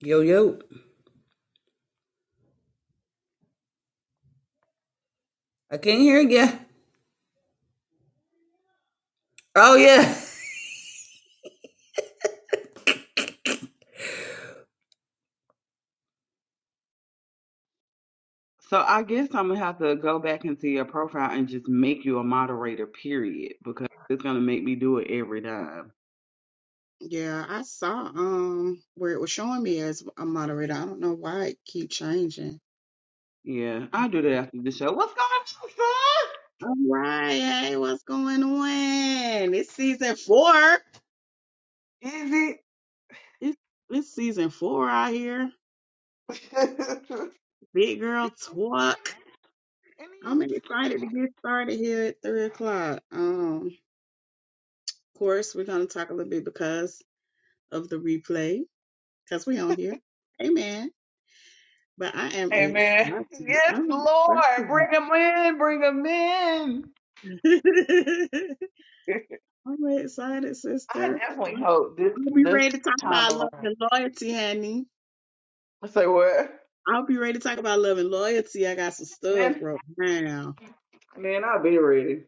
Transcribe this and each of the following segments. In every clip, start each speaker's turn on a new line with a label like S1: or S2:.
S1: Yo, yo. I can't hear you. Oh, yeah. So I guess I'm gonna have to go back into your profile and just make you a moderator, period, because it's gonna make me do it every time.
S2: Yeah, I saw um where it was showing me as a moderator. I don't know why it keep changing.
S1: Yeah, I'll do that after the show. What's going
S2: All right, hey, what's going on? It's season four.
S1: on, son? Is it?
S2: It's it's season four out here.
S1: Good morning.
S2: Big girl talk.
S1: It
S2: I'm
S1: is
S2: excited to
S1: great.
S2: get started here at three o'clock. Um, of course, we're gonna talk a little bit because of the replay, because we on here. Amen. But I am
S1: Amen.
S2: excited.
S1: Yes,
S2: I'm
S1: Lord, bring them in, bring them in.
S2: excited. I'm excited,
S1: I
S2: sister.
S1: definitely
S2: I'll
S1: hope this
S2: I'll be
S1: this
S2: ready to talk
S1: time
S2: about love
S1: around.
S2: and loyalty, honey.
S1: I say what?
S2: I'll be ready to talk about love and loyalty. I got some stuff
S1: Man,
S2: right now.
S1: man, I'll be ready.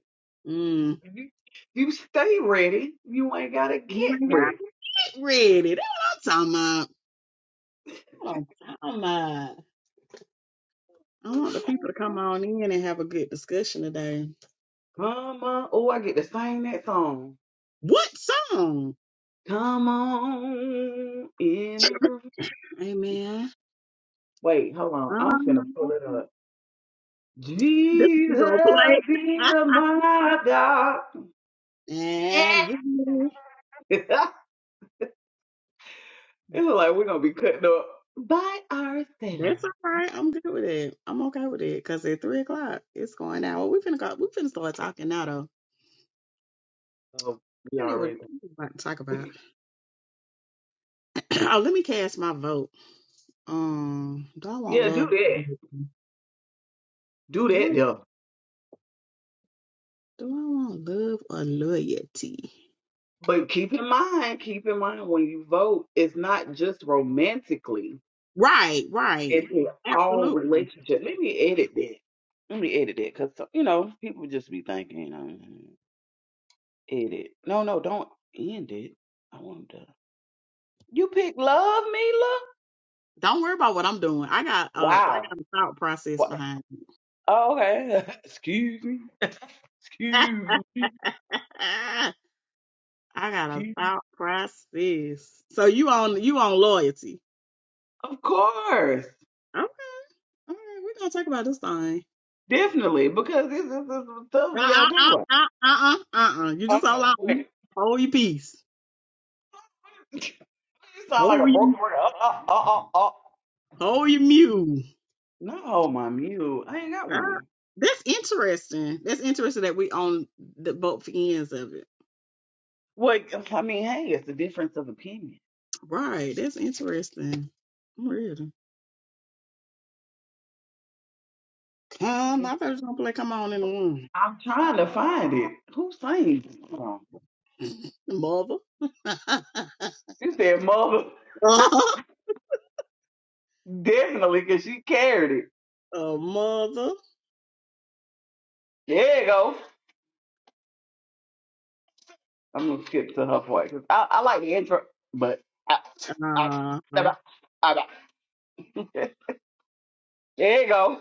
S2: Mm.
S1: You, you stay ready. You ain't gotta
S2: You
S1: get
S2: ain't got
S1: ready.
S2: it ready. That's what I'm talking about. That's what I'm talking about. I want the people to come on in and have a good discussion today.
S1: Come on. Oh, I get to sing that song.
S2: What song?
S1: Come on in the room.
S2: Amen.
S1: Wait, hold on. I'm finna
S2: Um,
S1: pull it up.
S2: this is
S1: Jesus
S2: gonna play.
S1: is my God. Eh.
S2: and here
S1: it's like we're gonna be cutting up by ourselves.
S2: That's all right. I'm good with it. I'm okay with it because at three o'clock it's going out. Well, we finna go. We finna start talking now though.
S1: So we
S2: Ready what
S1: already.
S2: we about to talk about? oh, let me cast my vote. Um, do I want
S1: Yeah, do
S2: love? Or
S1: that.
S2: loyalty?
S1: Do
S2: do
S1: that
S2: I
S1: though.
S2: do I want love or loyalty?
S1: But keep in mind, keep in mind when you vote, it's not just romantically.
S2: Right, right.
S1: into all
S2: Absolutely.
S1: relationships. Let me edit that. Let me edit that because you know people just be thinking, you edit. No, no, don't end it. I want to. You pick love, Mila?
S2: Don't worry about what I'm doing. I got uh, I
S1: Wow.
S2: got a thought process
S1: What?
S2: behind.
S1: Oh, okay. Excuse me.
S2: It.
S1: Excuse me.
S2: I got a
S1: Excuse me.
S2: thought process. So you on you on loyalty?
S1: Of course.
S2: Okay. All right, we're gonna talk about this thing.
S1: Definitely. Because this is the stuff
S2: Uh
S1: we
S2: uh
S1: gotta talk
S2: uh
S1: about.
S2: uh uh uh uh. uh. You just hold
S1: Uh-uh.
S2: on.
S1: Wait.
S2: Hold your peace.
S1: you sound like
S2: Hold
S1: a
S2: you.
S1: broken record. Uh, uh, uh, uh, uh.
S2: Hold your mule.
S1: No, my mule. I ain't got
S2: Uh,
S1: one.
S2: that's interesting. That's interesting that we on the both ends of it.
S1: Well, I mean, hey, it's a difference of opinion.
S2: Right. That's interesting. I'm ready. Come, I thought you was gonna play. Come on in
S1: I'm trying to find it. Who sings this song?
S2: the room, mother.
S1: It said mother. Definitely, because she carried it.
S2: uh, mother.
S1: There you go. I'm going to skip to her part. 'cause I, I like the intro, but I, I,
S2: Ah, Uh,
S1: I, I, I- there you go.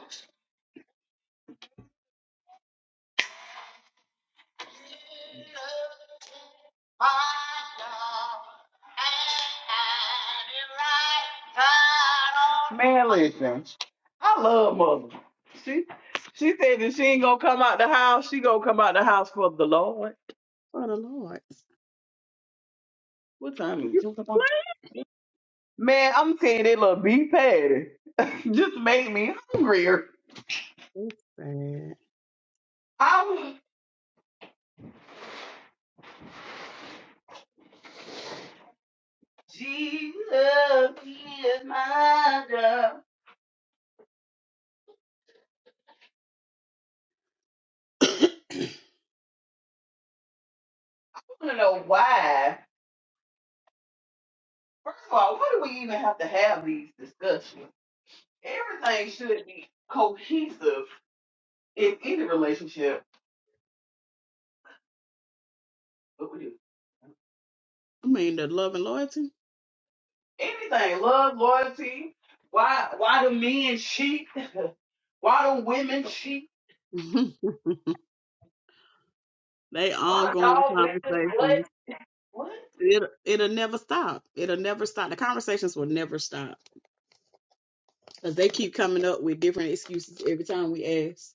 S1: Man, listen. I love mother. She she said that she ain't gonna come out the house. She gonna come out the house for the Lord.
S2: for the Lord.
S1: What time is
S2: You
S1: it? Man, I'm saying that little beef patty just made me hungrier.
S2: play? That's
S1: I'm Jesus is my God. I
S2: sad.
S1: want to know why. First of all, why do we even have to have these discussions? Everything should be cohesive in any relationship. What we do?
S2: I mean, the love and loyalty,
S1: Anything, love, loyalty. Why? Why do men cheat? Why do women cheat?
S2: they
S1: Why do
S2: ongoing
S1: dogs lick this butt?
S2: conversations.
S1: What?
S2: It, it'll never stop. It'll never stop. The conversations will never stop because they keep coming up with different excuses every time we ask.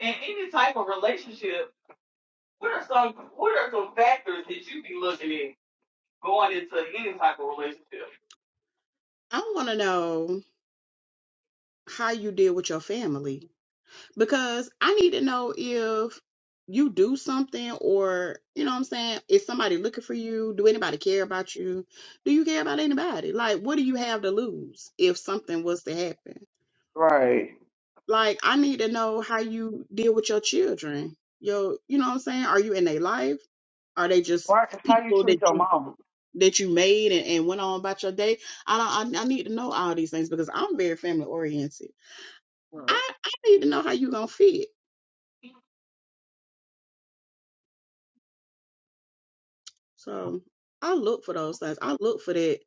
S1: in any type of relationship, what are some what are some factors that you be looking at going into any type of relationship?
S2: I want to know how you deal with your family because I need to know if you do something or, you know what I'm saying? Is somebody looking for you? Do anybody care about you? Do you care about anybody? Like, what do you have to lose if something was to happen?
S1: Right.
S2: Like I need to know how you deal with your children. Yo, you know what I'm saying? Are you in their life? Are they just
S1: Right. How you
S2: people that
S1: treat your
S2: you
S1: mama,
S2: that you made and, and went on about your day? I don't I, I need to know all these things because I'm very family oriented.
S1: Right.
S2: I, I need to know how you gonna fit. So I look for those things. I look for that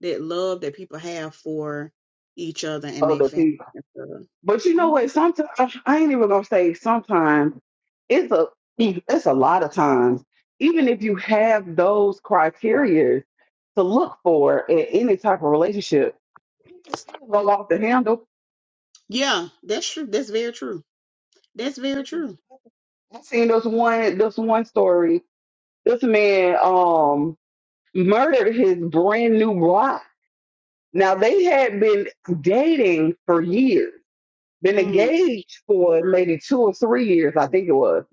S2: that love that people have for each other and their
S1: other
S2: family.
S1: people.
S2: and stuff.
S1: But you know what?
S2: Mhm.
S1: Sometimes I ain't even gonna say sometimes. It's a it's a lot of times. Even if you have those criteria to look for in any type of relationship, people still go off the handle.
S2: Yeah, that's true. That's very true. That's very true.
S1: I seen this one this one story This man um murdered his brand new bride. Now they had been dating for years, been
S2: Mm,
S1: engaged for maybe two or three years, I think it was.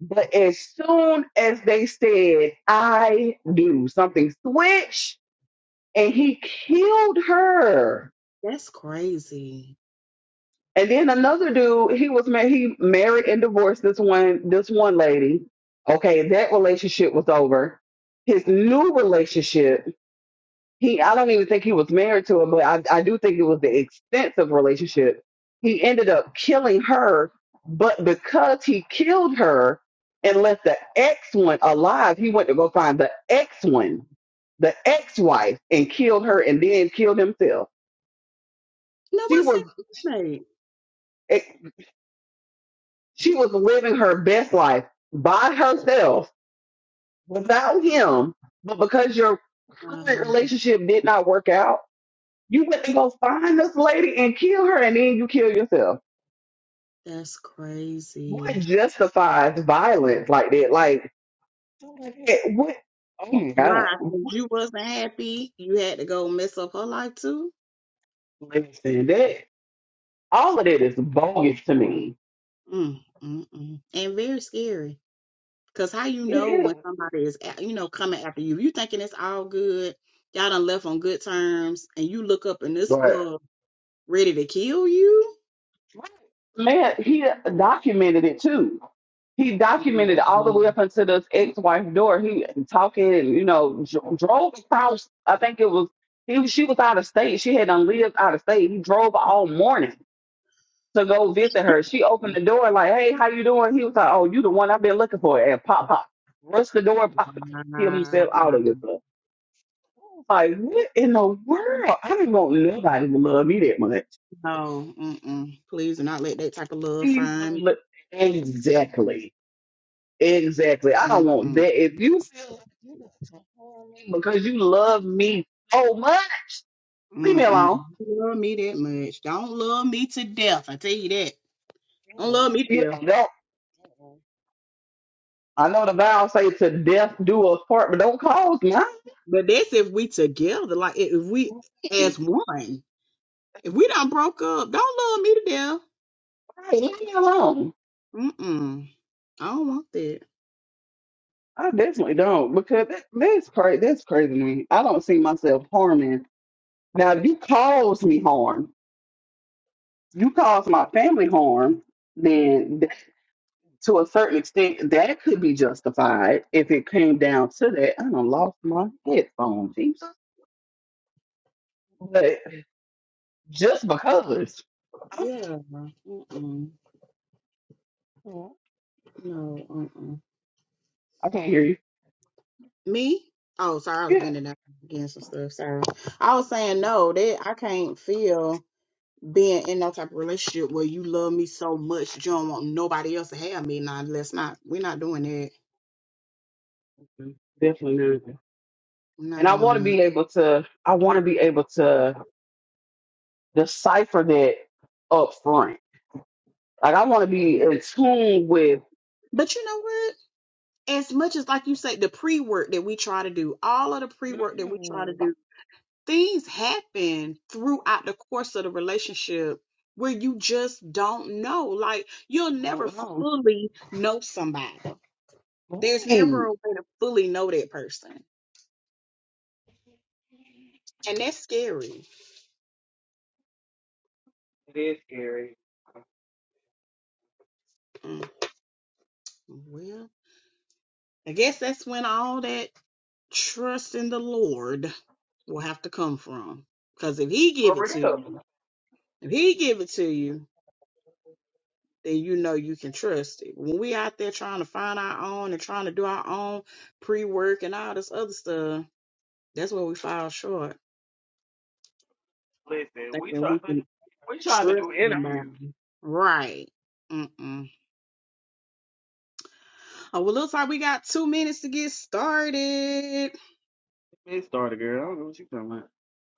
S1: But as soon as they said, I do, something switched and he killed her.
S2: that's crazy.
S1: And then another dude, he was married, he married and divorced this one, this one lady. Okay, that relationship was over. His new relationship He, I don't even think he was married to her, but I, I do think it was the extensive relationship. He ended up killing her, but because he killed her and left the ex one alive, he went to go find the ex one, the ex wife, and killed her, and then killed himself.
S2: No,
S1: She
S2: what's
S1: was,
S2: that roommate?
S1: eh, she was living her best life by herself without him, but because your current
S2: Um,
S1: relationship did not work out You went to go find this lady and kill her, and then you kill yourself.
S2: that's
S1: What
S2: crazy.
S1: justifies violence like that? Like, something like that. what? Oh my God!
S2: Why? 'Cause
S1: What?
S2: you wasn't happy. You had to go mess up her life too.
S1: Listen, that all of that is bogus to me.
S2: Mm, mm, mm. And very scary. Cause how you
S1: It
S2: know
S1: is.
S2: when somebody is, a- you know, coming after you? You thinking it's all good. Y'all done left on good terms, and you look up and this
S1: Right.
S2: mug ready to kill you.
S1: Man, he documented it too. He
S2: Mm,
S1: documented all the
S2: mm.
S1: way up until this ex-wife's door. He talking, and, you know, dro- drove across. I think it was he. was- She was out of state. She had done lived out of state. He drove all morning to go visit her. She opened the door like, "Hey, how you doing?" He was like, "Oh, you the one I've been looking for." And pop, pop, rushed the door, pop, pop, killed
S2: Wow.
S1: himself, all of this stuff. I was like, what in the world? I didn't want nobody to love me that much.
S2: No, mm-mm. please do not let that type of love
S1: Please
S2: find.
S1: don't
S2: me.
S1: look exactly, exactly. I don't
S2: Mm-mm.
S1: want that. If you feel like you got to harm me because you love me so much, leave me
S2: Mm-mm.
S1: alone.
S2: Don't love me that much. Don't love me to death. I tell you that. Don't love me to
S1: Yeah,
S2: death.
S1: don't. I know the vow say to death do us part, but don't cause mine.
S2: But that's if we together, like if if we as one. If we done broke up, don't love me to death.
S1: Hey, leave me alone.
S2: Mm-mm. I don't want that.
S1: I definitely don't because that, that's crazy. That's crazy to me. I don't see myself harming. Now, if you cause me harm, you cause my family harm, then th- to a certain extent, that could be justified if it came down to that. I done lost my headphone, Jesus. But just because, I
S2: Yeah. Mm-mm. No. Mm-mm.
S1: I can't hear you.
S2: Me? Oh, sorry. I was
S1: Yeah,
S2: bending down against some stuff. Sorry. I was saying no. That I can't feel being in no type of relationship where you love me so much that you don't want nobody else to have me. Nah, let's not. We're not doing that
S1: definitely not.
S2: I'm
S1: And
S2: not
S1: I want
S2: doing
S1: to
S2: it.
S1: be able to. I want to be able to decipher that up front Like I want to be in tune with.
S2: But you know what? As much as like you say, the pre work that we try to do, all of the pre work that we try to
S1: Mm,
S2: do, things happen throughout the course of the relationship where you just don't know. Like you'll
S1: I
S2: never
S1: don't know.
S2: fully know somebody. There's
S1: Hey,
S2: never a way to fully know that person. And that's scary. Mm, Well, I guess that's when all that trust in the Lord will have to come from. Because if he give
S1: for
S2: it to
S1: real.
S2: you, if he give it to you, then you know you can trust it. When we out there trying to find our own and trying to do our own pre work and all this other stuff, that's where we fall short. Thinking we can trust somebody. Right. Mm-mm. Oh, well, looks like we got two minutes to get started.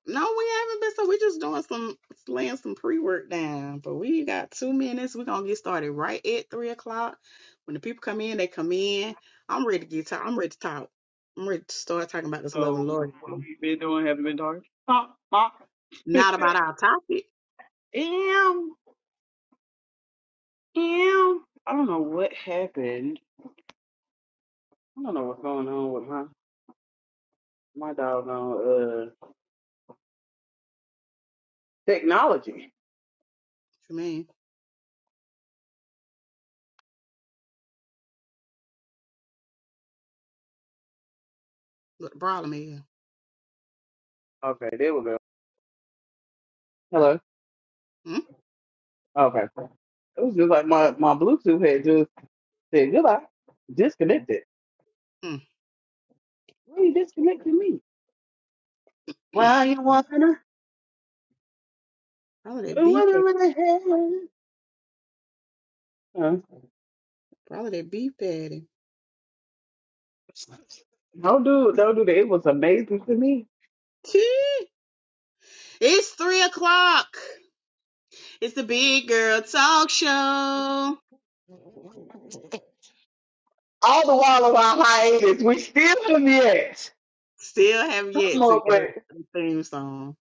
S2: No, we haven't been. So we're just doing some, laying some pre work down. But we got two minutes. We're going to get started right at three o'clock. When the people come in, they come in. I'm ready to get talk. I'm ready to talk. I'm ready to start talking about this love and loyalty.
S1: Uh, uh,
S2: Not about our topic. What
S1: Ew, ew. I don't know what happened. I don't know what's going on with my my dog on uh technology.
S2: you mean? What the problem is?
S1: Hello. Okay. It was just like my my Bluetooth had just Said goodbye. Disconnected. Why you disconnecting me.
S2: Mm-hmm.
S1: Well, you wanna,
S2: Probably that
S1: you
S2: beef.
S1: wanna
S2: patty.
S1: really have. Huh?
S2: Probably that beef patty.
S1: Don't do, don't do that. It was amazing to me.
S2: Tee. it's three o'clock. It's the Big Girl Talk Show.
S1: All the while of our hiatus, we still in it.
S2: Still have
S1: Come
S2: yet to
S1: on,
S2: get
S1: but
S2: a a theme song.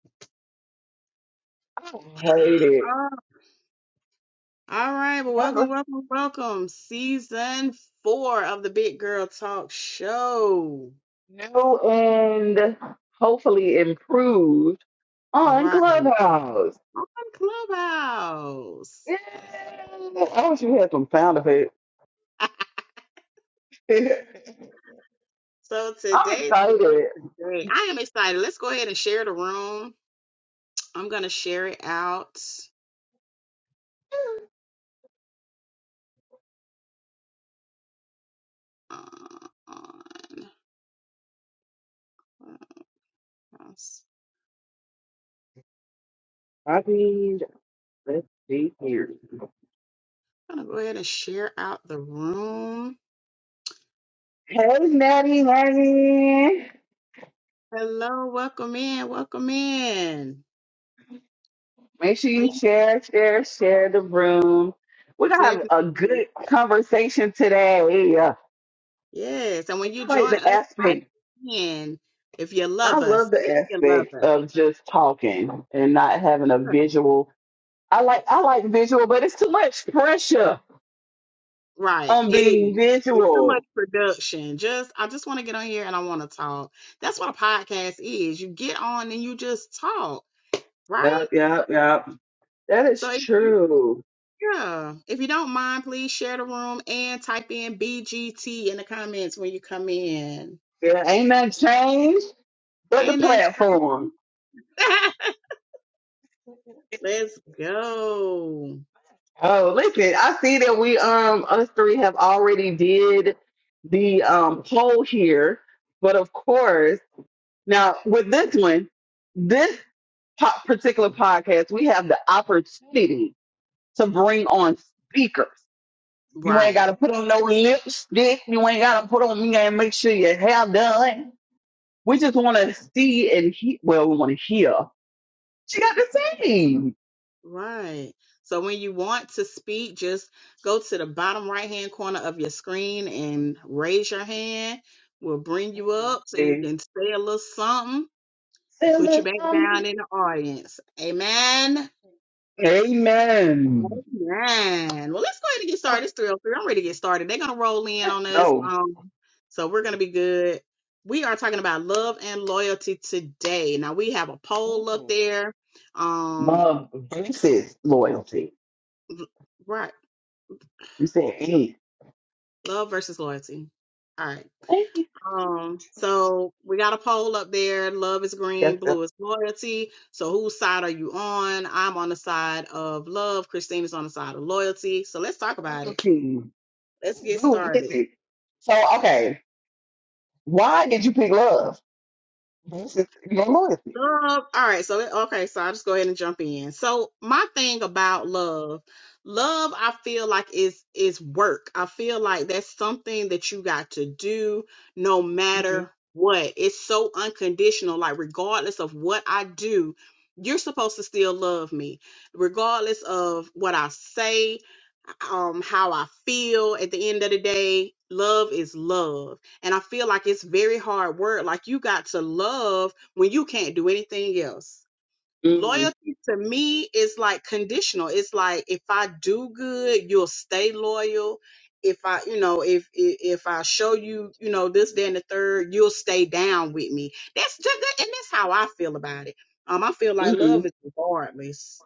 S1: I hate it.
S2: Oh, all right, but welcome, welcome, welcome. Season four of the Big Girl Talk Show.
S1: New and hopefully improved on
S2: Right.
S1: Clubhouse.
S2: On Clubhouse.
S1: Yeah. I wish we had some sound effects.
S2: So
S1: I'm
S2: today, today,
S1: excited.
S2: today, I am excited. Let's go ahead and share the room. I'm gonna share it out uh, on. Clubhouse.
S1: I mean, Let's see here.
S2: I'm gonna go ahead and share out the room.
S1: Hey, Maddie, Maddie.
S2: Hello, welcome in, welcome in.
S1: Make sure
S2: When
S1: you
S2: you-
S1: share, share, share the room. We're going to have a
S2: Definitely,
S1: good conversation today. Uh,
S2: yes. And
S1: I
S2: when you
S1: like
S2: join
S1: the
S2: us, type
S1: aspect,
S2: in if you
S1: I
S2: love
S1: love
S2: us.
S1: the
S2: If you love
S1: aspect
S2: us.
S1: of just talking and not having a visual. I like, I like visual, but it's too much pressure
S2: Right.
S1: on
S2: It is.
S1: being
S2: It's too
S1: visual.
S2: much production. Just I just want to get on here and I want to talk. That's what a podcast is. You get on and you just talk, right?
S1: Yep, yep, yep. That is
S2: So if you,
S1: true.
S2: yeah, if you don't mind, please share the room and type in BGT in the comments when you come in.
S1: Yeah, ain't nothing changed but the
S2: Ain't that
S1: platform.
S2: Let's go.
S1: Oh, listen, I see that we um us three have already did the um poll here, but of course, now with this one, this po- particular podcast, we have the opportunity to bring on speakers. You ain't
S2: Right.
S1: got to put on no lipstick. You ain't got to put on. You gotta make sure your hair done. We just want to see and hear. Well, we want to hear. She got to sing.
S2: Right. So when you want to speak, just go to the bottom right hand corner of your screen and raise your hand. We'll bring you up so you
S1: Absolutely.
S2: can say a little something,
S1: Say a
S2: put you
S1: little
S2: back down
S1: something.
S2: in the audience. Amen.
S1: Amen.
S2: Amen. Well, let's go ahead and get
S1: So,
S2: started. It's 303. I'm ready to get started. They're gonna roll in on us.
S1: no,
S2: Um, so we're gonna be good. We are talking about love and loyalty today. Now we have a poll up
S1: Mm-mm.
S2: there. Um,
S1: love versus loyalty.
S2: Right.
S1: You said eight.
S2: Love versus loyalty. All right.
S1: Thank you.
S2: Um, so we got a poll up there. Love is green,
S1: That's the
S2: blue is loyalty. So whose side are you on? I'm on the side of love. Christina's on the side of loyalty. So let's talk about it.
S1: loyalty.
S2: Let's get
S1: Dude,
S2: started.
S1: listen. So, okay, why did you pick love versus your loyalty?
S2: Love. All right. So, it- okay. So I'll just go ahead and jump in. So my thing about love, love, I feel like is, is work. I feel like that's something that you got to do no
S1: Mm-hmm.
S2: matter what. It's so unconditional. Like regardless of what I do, you're supposed to still love me regardless of what I say um how I feel at the end of the day. Love is love. And I feel like it's very hard word. Like you got to love when you can't do anything else.
S1: Mm-hmm.
S2: Loyalty to me is like conditional. It's like if I do good, you'll stay loyal. If I, you know, if if, if I show you, you know, this, then the third, you'll stay down with me. That's just that, and that's how I feel about it. Um, I feel like
S1: Mm-hmm.
S2: love is regardless.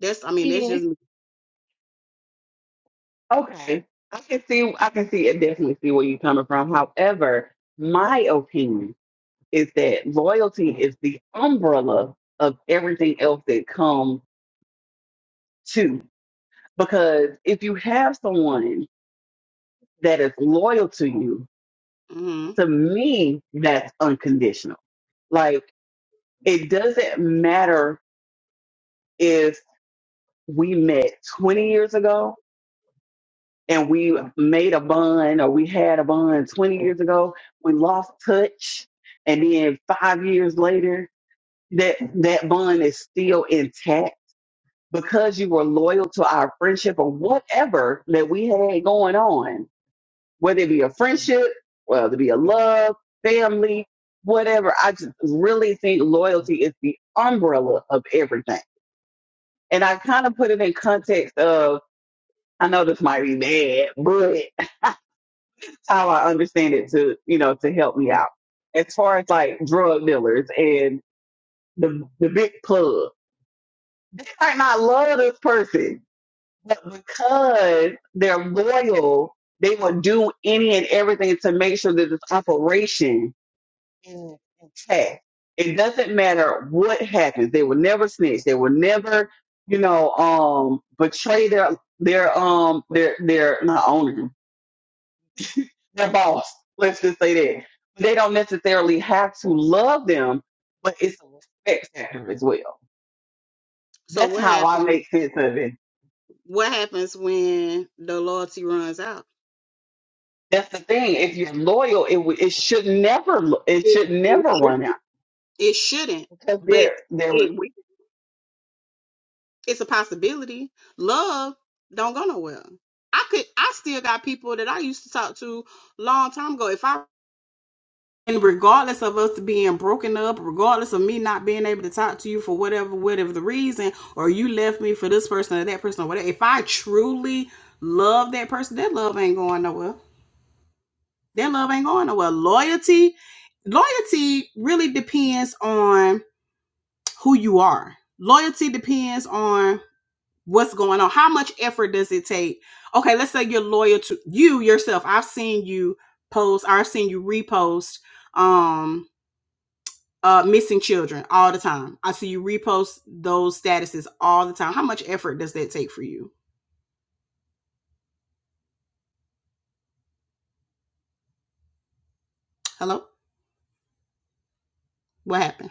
S2: That's I mean, that's
S1: Yeah,
S2: just me.
S1: Okay, I can see. I can see. I definitely see where you're coming from. However, my opinion is that loyalty is the umbrella of everything else that comes to. Because if you have someone that is loyal to you,
S2: hmm
S1: to me, that's unconditional. Like, it doesn't matter if we met 20 years ago and we made a bond or we had a bond 20 years ago, we lost touch, and then five years later, that, that bond is still intact because you were loyal to our friendship or whatever that we had going on whether it be a friendship, whether it be a love, family, whatever. I just really think loyalty is the umbrella of everything. And I kind of put it in context of, I know this might be bad, but that's how I understand it to, you know, to help me out. As far as like drug dealers and the the big plug. They might not love this person, but because they're loyal, they will do any and everything to make sure that this operation in- intact. It doesn't matter what happens. They will never snitch. They will never, you know, um, betray their their um their their not owner, their boss. Let's just say that. They don't necessarily have to love them, but it's a respect factor as well.
S2: So
S1: That's
S2: what
S1: how I
S2: happened?
S1: make sense of it.
S2: What happens when the loyalty runs out?
S1: That's the thing. If you're loyal, it w- it should never lo- it
S2: It,
S1: should
S2: it
S1: never
S2: shouldn't.
S1: run out
S2: It shouldn't,
S1: because
S2: but
S1: they're they're
S2: it will. it's a possibility. Love don't go nowhere. I could. I still got people that I used to talk to long time ago. If I and regardless of us being broken up, regardless of me not being able to talk to you for whatever whatever the reason, or you left me for this person or that person or whatever, if I truly love that person, that love ain't going nowhere. Their love ain't going nowhere. Loyalty, loyalty really depends on who you are. Loyalty depends on what's going on. How much effort does it take? Okay, let's say you're loyal to you yourself. I've seen you post, I've seen you repost um uh missing children all the time. I see you repost those statuses all the time. How much effort does that take for you? Hello? What happened?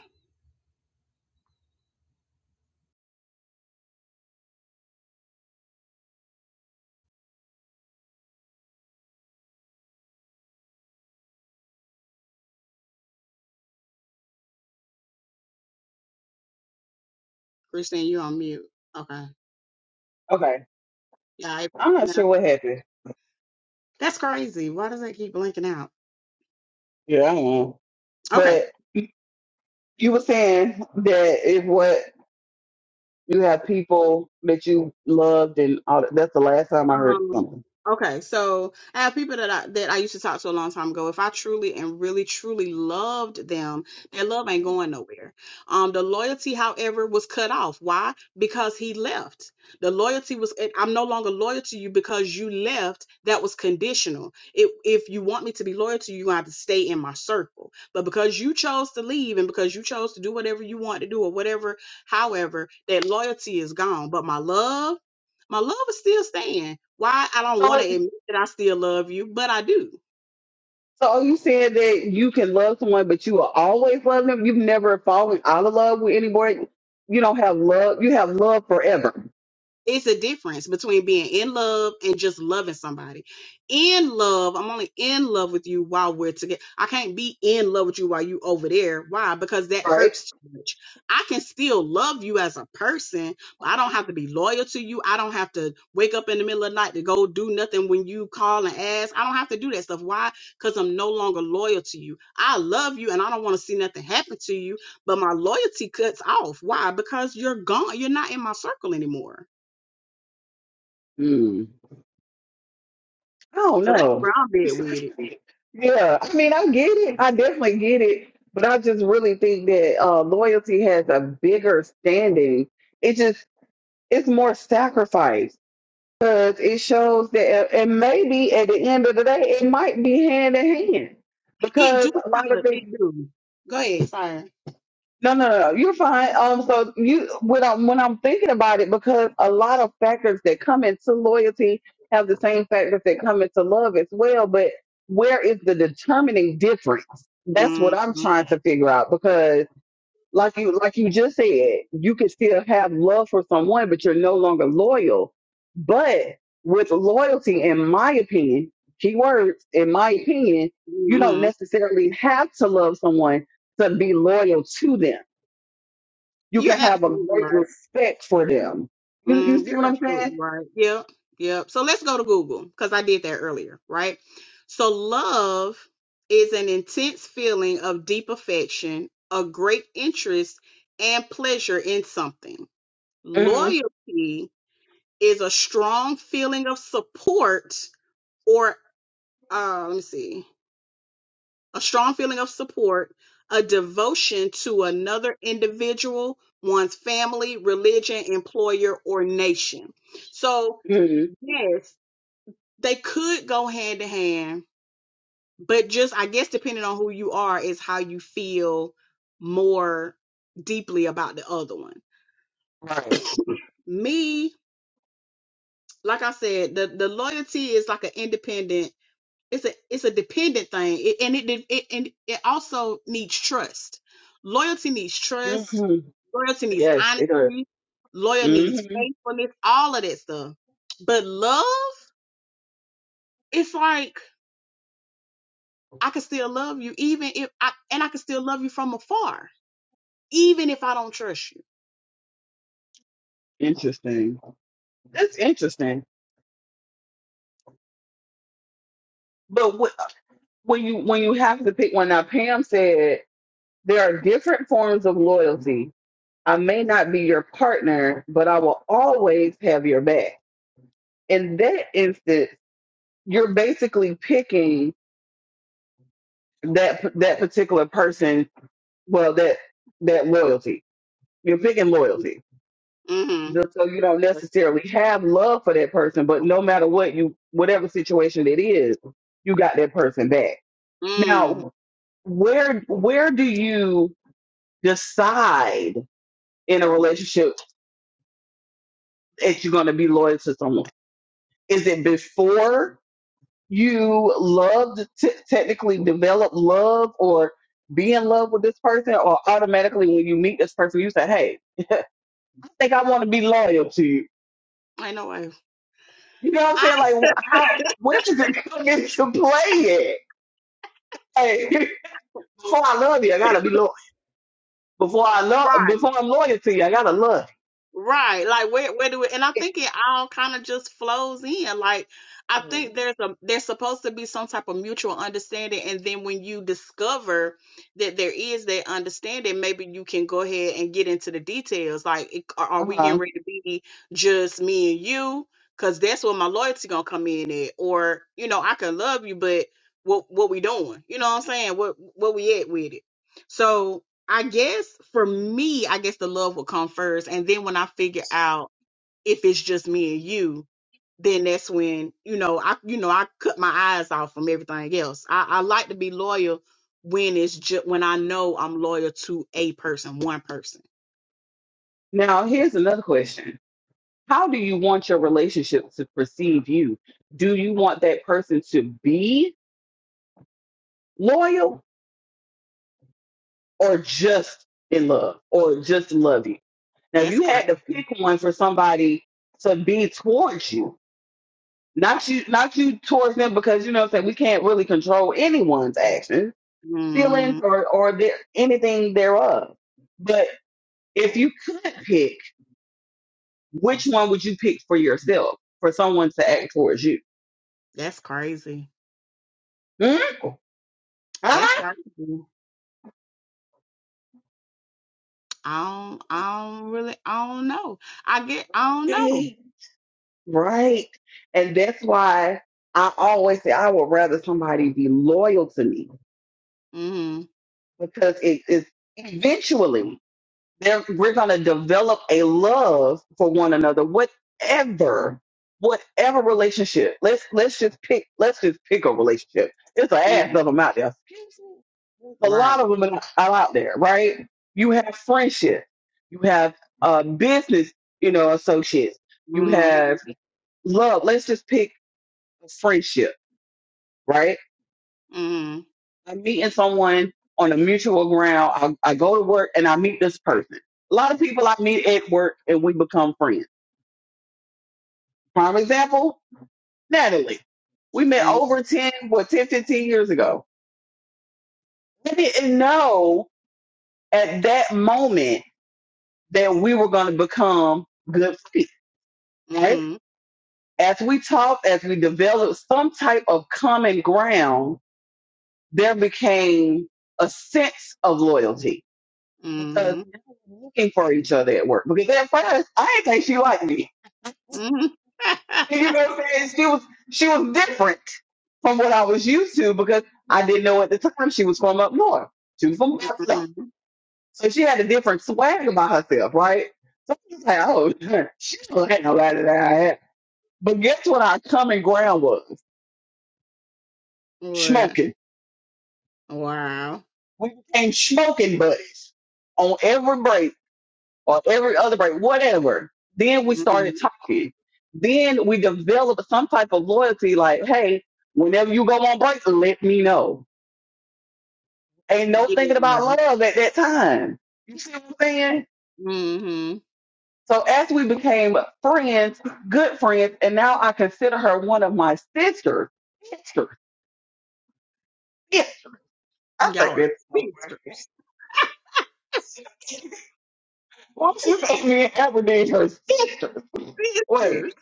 S2: Christine, you on mute. Okay.
S1: okay.
S2: Yeah. I-
S1: I'm not
S2: yeah.
S1: sure what happened.
S2: That's crazy. Why does that keep blinking out?
S1: Yeah, I don't
S2: Okay.
S1: know. you were saying that if what you have people that you loved and all that, that's the last time I heard
S2: Um,
S1: something.
S2: okay, so I have people that I that I used to talk to a long time ago. If I truly and really truly loved them, their love ain't going nowhere. Um, the loyalty, however, was cut off. Why? Because he left. The loyalty was eh, I'm no longer loyal to you because you left. That was conditional. If if you want me to be loyal to you, you have to stay in my circle. But because you chose to leave and because you chose to do whatever you want to do or whatever, however, that loyalty is gone. But my love my love is still staying. Why I don't want
S1: So,
S2: to admit that I still love you, but I do.
S1: so are you saying that you can love someone, but you will always love them? You've never fallen out of love with anybody. You don't have love. You have love forever,
S2: it's a difference between being in love and just loving somebody. In love, I'm only in love with you while we're together. I can't be in love with you while you over there. Why? Because that
S1: right?
S2: hurts too much. I can still love you as a person, but I don't have to be loyal to you. I don't have to wake up in the middle of the night to go do nothing when you call and ask. I don't have to do that stuff. Why? Because I'm no longer loyal to you. I love you and I don't want to see nothing happen to you, but my loyalty cuts off. Why? Because you're gone. You're not in my circle anymore
S1: Mm. I don't
S2: So that's
S1: know.
S2: where I'm at with it.
S1: yeah, I mean, I get it. I definitely get it. But I just really think that uh, loyalty has a bigger standing. It just it's more sacrifice because it shows that, and maybe at the end of the day, it might be hand in hand
S2: It
S1: because
S2: do
S1: a lot
S2: kind
S1: of
S2: of, it
S1: things.
S2: do. Go ahead, sorry.
S1: No, no, no, you're fine. Um, so you when I'm when I'm thinking about it, because a lot of factors that come into loyalty have the same factors that come into love as well. But where is the determining difference? That's what I'm
S2: Mm-hmm.
S1: trying to figure out because like you like you just said, you can still have love for someone, but you're no longer loyal. But with loyalty, in my opinion, key words, in my opinion, you don't
S2: hmm
S1: necessarily have to love someone to be loyal to them. You
S2: You're
S1: can have a
S2: absolutely
S1: great
S2: right.
S1: respect for them. You you
S2: Mm,
S1: see
S2: you're
S1: what I'm
S2: absolutely
S1: saying?
S2: right. Yep. Yep. So let's go to Google because I did that earlier, right? So love is an intense feeling of deep affection, a great interest, and pleasure in something.
S1: Mm-hmm.
S2: Loyalty is a strong feeling of support or, uh, let me see. a strong feeling of support, a devotion to another individual, one's family, religion, employer, or nation. So,
S1: Mm-hmm.
S2: yes, they could go hand to hand, but just I guess depending on who you are is how you feel more deeply about the other one.
S1: Right.
S2: Me, like I said, the, the loyalty is like an independent it's a it's a dependent thing it, and it, it and it also needs trust loyalty needs trust
S1: hmm
S2: loyalty needs
S1: Yes, it does.
S2: honesty loyalty needs
S1: hmm
S2: faithfulness all of that stuff but love it's like i can still love you even if i and i can still love you from afar even if i don't trust you
S1: Interesting. That's interesting. But wh- when you when you have to pick one, now Pam said There are different forms of loyalty. I may not be your partner, but I will always have your back. In that instance, you're basically picking that that particular person. Well, that that loyalty. You're picking loyalty.
S2: mm-hmm.
S1: Just So you don't necessarily have love for that person, but no matter what you, whatever situation it is, you got that person back.
S2: mm
S1: Now, where where do you decide in a relationship? that you're going to be loyal to someone? Is it before you love to t- technically develop love or be in love with this person, or automatically when you meet this person, you say, "Hey, I think I want to be loyal to you."
S2: i know I,
S1: You know what I'm
S2: I
S1: saying? Like, wh- how where does it come into play? At? Hey, before I love you, I gotta be loyal. Before I love,
S2: right
S1: before I'm loyal to you, I gotta love.
S2: Right. Like where where do it and I think it all kind of just flows in. Like I
S1: You.
S2: think there's a there's supposed to be some type of mutual understanding and then when you discover that there is that understanding, maybe you can go ahead and get into the details. Like it- are, are we
S1: Uh-huh.
S2: getting ready to be just me and you? Cause that's where my loyalty gonna come in at. Or, you know, I can love you, but what what we doing? You know what I'm saying? What what we at with it? So I guess for me, I guess the love will come first. And then when I figure out if it's just me and you, then that's when, you know, I you know, I cut my eyes off from everything else. I, I like to be loyal when it's just when I know I'm loyal to a person, one person.
S1: Now here's another question How do you want your relationship to perceive you? Do you want that person to be loyal or just in love or just love you? Now, if
S2: That's
S1: you had to pick
S2: crazy.
S1: one for somebody to be towards you, not you, not you towards them, because you know, what I'm saying we can't really control anyone's actions, feelings,
S2: Mm,
S1: or or their, anything thereof. But if you could pick, which one would you pick for yourself for someone to act towards you?
S2: that's crazy.
S1: Hmm? Huh?
S2: That's crazy. I don't I don't really I don't know. I get I don't know.
S1: Right. right. And that's why I always say I would rather somebody be loyal to me
S2: Mm-hmm.
S1: because it is eventually there we're gonna develop a love for one another, whatever, whatever relationship. Let's let's just pick let's just pick a relationship. It's a ass of
S2: hmm
S1: them out there. Excuse me? There's A lot
S2: Right.
S1: of them are out there, right? You have friendship, you have uh business, you know, associates, you
S2: Mm-hmm.
S1: have love, let's just pick a friendship, right?
S2: Mm-hmm.
S1: I'm meeting someone on a mutual ground. I, I go to work and I meet this person. A lot of people I meet at work and we become friends. Prime example, Natalie. We met
S2: Mm-hmm.
S1: over 10, what, 10, 15 years ago. We didn't know at that moment that we were going to become good friends, right?
S2: Mhm.
S1: As we talked, as we developed some type of common ground, there became a sense of loyalty because
S2: Mhm.
S1: we were looking for each other at work. Because at first, I didn't think she liked me.
S2: Mhm.
S1: And You know what I'm saying? She was she was different from what I was used to because I didn't know at the time she was from up north. She was from Buffalo,
S2: Mhm.
S1: so she had a different swag about herself, right? So I was just like, oh, she don't like nobody that I had. But guess what? Our common ground was
S2: What?
S1: smoking.
S2: Wow.
S1: We became smoking buddies on every break or every other break, whatever. Then we
S2: Mhm.
S1: started talking. Then we developed some type of loyalty, like, hey, whenever you go on break, let me know. Ain't no thinking about
S2: Yeah.
S1: love at that time. You see what I'm saying?
S2: Mhm.
S1: So as we became friends, good friends, and now I consider her one of my sisters. Sisters. Yeah, I think
S2: Y'all are
S1: that's so funny.
S2: sisters.
S1: Why do you think me and Aberdeen her sisters?
S2: Sisters.
S1: Wait.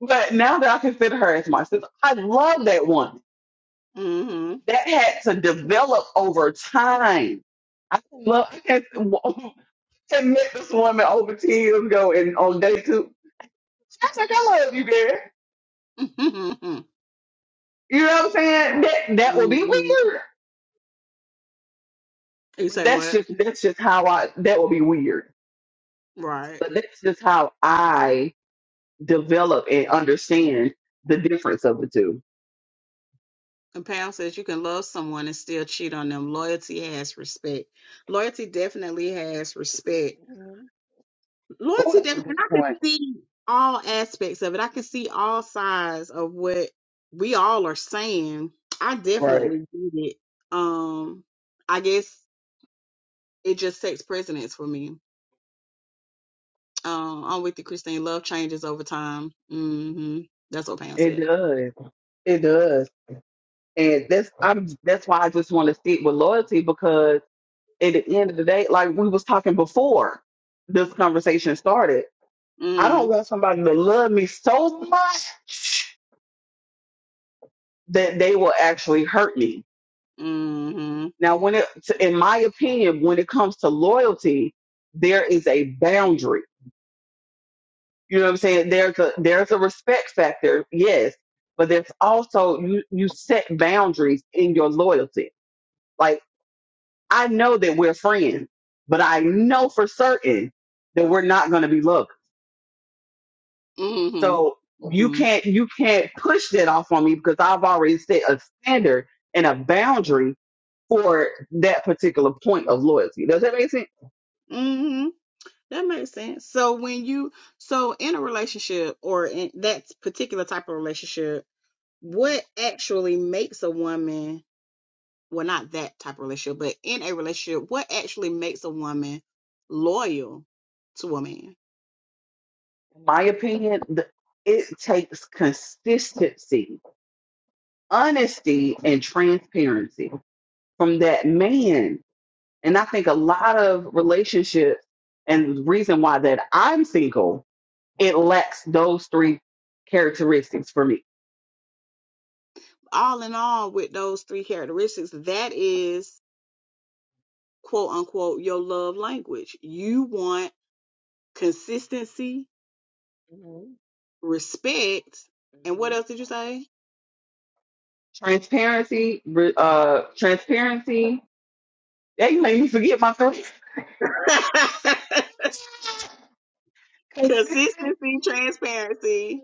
S1: But now that I consider her as my sister, I love that one.
S2: Mhm.
S1: that had to develop over time. I love. I can't I met this woman over ten years ago, and on day two, I was like, "I love you, girl." You know what I'm saying? That that would be
S2: Mhm.
S1: weird,
S2: You
S1: but
S2: say
S1: that's
S2: what?
S1: just that's just how I. That would be weird,
S2: Right.
S1: but that's just how I develop and understand the difference of the 2
S2: And Pam says you can love someone and still cheat on them. Loyalty has respect. Loyalty definitely has respect
S1: Mhm.
S2: Lord
S1: Oh,
S2: took that,
S1: that's a good
S2: and I could
S1: point.
S2: see all aspects of it. I could see all sides of what we all are saying. I
S1: Right.
S2: definitely did it. Um, I guess it just sets precedence for me. Um, I'm with you, Christine. Love changes over time. hmm That's what Pam
S1: It
S2: said.
S1: does. It does. And that's I'm that's why I just want to stick with loyalty at the end of the day, like we was talking before this conversation started, I don't
S2: Mm,
S1: want somebody to love me so much that they will actually hurt me.
S2: hmm mm
S1: Now, when it, in my opinion, when it comes to loyalty, there is a boundary. You know what I'm saying? There's a there's a respect factor, yes, but there's also you you set boundaries in your loyalty. Like I know that we're friends, but I know for certain that we're not going to be lovers
S2: hmm mm
S1: So you
S2: hmm mm
S1: can't you can't push that off on me because I've already set a standard and a boundary for that particular point of loyalty. Does that make sense?
S2: hmm That makes sense. So when you so in a relationship or in that particular type of relationship,
S1: Mhm.
S2: what actually makes a woman well not that type of relationship but in a relationship what actually makes a woman loyal to a man
S1: In my opinion, the, it takes consistency honesty and transparency from that man. And I think a lot of relationships and the reason why that I'm single, it lacks those three characteristics for me.
S2: all in all with those three characteristics that is quote unquote your love language you want consistency
S1: Mhm,
S2: respect and what
S1: mhm.
S2: else did you say
S1: Transparency, re- uh, transparency, They made me forget my three.
S2: consistency transparency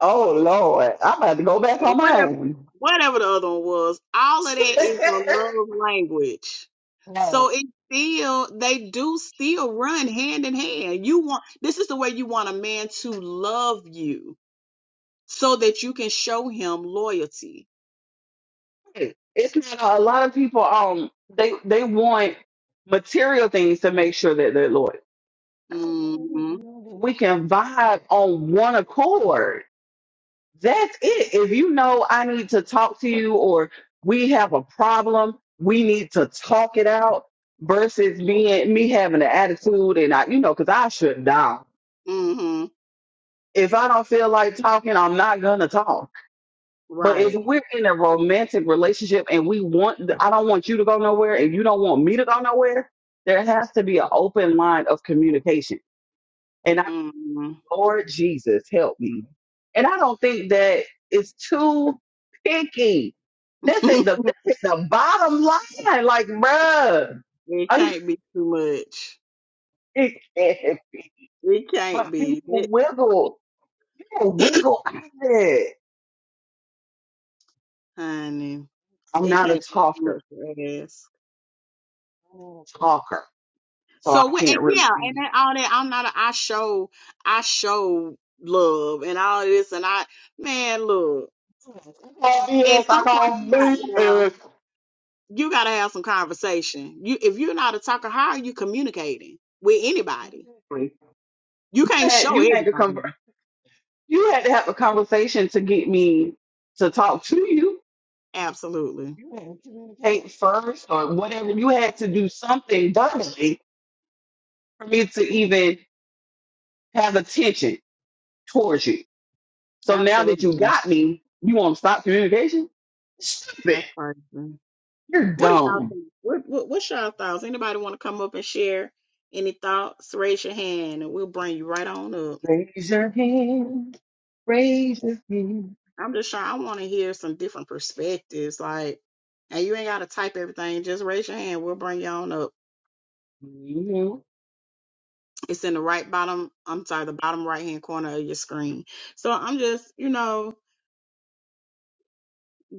S1: oh Lord, I'm about to go back
S2: and
S1: on
S2: whatever
S1: mine.
S2: whatever the other one was, all of that is your love language. So
S1: Right.
S2: it still they do still run hand in hand. You want this is the way you want a man to love you so that you can show him loyalty.
S1: It's not a lot of people. Um, they they want material things to make sure that they're loyal.
S2: Mm-hmm.
S1: We can vibe on one accord. That's it. If you know I need to talk to you or we have a problem, we need to talk it out versus being me having an attitude and I, you know, because I shut down.
S2: Mm-hmm.
S1: If I don't feel like talking, I'm not gonna talk. But if
S2: Right.
S1: we're in a romantic relationship and we want, I don't want you to go nowhere and you don't want me to go nowhere, there has to be an open line of communication. and I.
S2: Mm-hmm.
S1: Lord Jesus, help me. And I don't think that it's too picky. This is the this is the bottom line. Like, bruh,
S2: it
S1: I'm
S2: can't be too much.
S1: thinking,
S2: It can't
S1: but
S2: be.
S1: people
S2: It,
S1: wiggle, people wiggle out of it.
S2: honey.
S1: I'm
S2: It
S1: not a
S2: can't be too much
S1: talker.
S2: to ask.
S1: I'm not a talker, so I
S2: So what? And
S1: can't really
S2: yeah, and
S1: be.
S2: that, all that. I'm not. A, I show. I show love and all this. And I, man, look.
S1: I can
S2: At some
S1: I
S2: point,
S1: can't
S2: you got
S1: be
S2: to have.
S1: as.
S2: You got to have some conversation. You, if you're not a talker, how are you communicating with anybody?
S1: Exactly.
S2: You
S1: You
S2: can't
S1: had
S2: show
S1: you had to conver-
S2: everybody.
S1: you had to have a conversation to get me to talk to you
S2: Absolutely.
S1: you had to communicate first or whatever. You had to do something doubly for me to even have attention towards you. So now that you
S2: Absolutely.
S1: got me, you want to stop communication? Stupid.
S2: That's crazy.
S1: You're
S2: What do y'all
S1: dumb.
S2: think? What, what What's y'all thoughts? Anybody want to come up and share any thoughts? Raise your hand, and we'll bring you right on up.
S1: Raise your hand. Raise your hand.
S2: I'm just trying. I want to hear some different perspectives. Like, and you ain't got to type everything. Just raise your hand. We'll bring you on up.
S1: Mm-hmm. mm
S2: It's in the right bottom. I'm sorry, the bottom right hand corner of your screen. So I'm just, you know,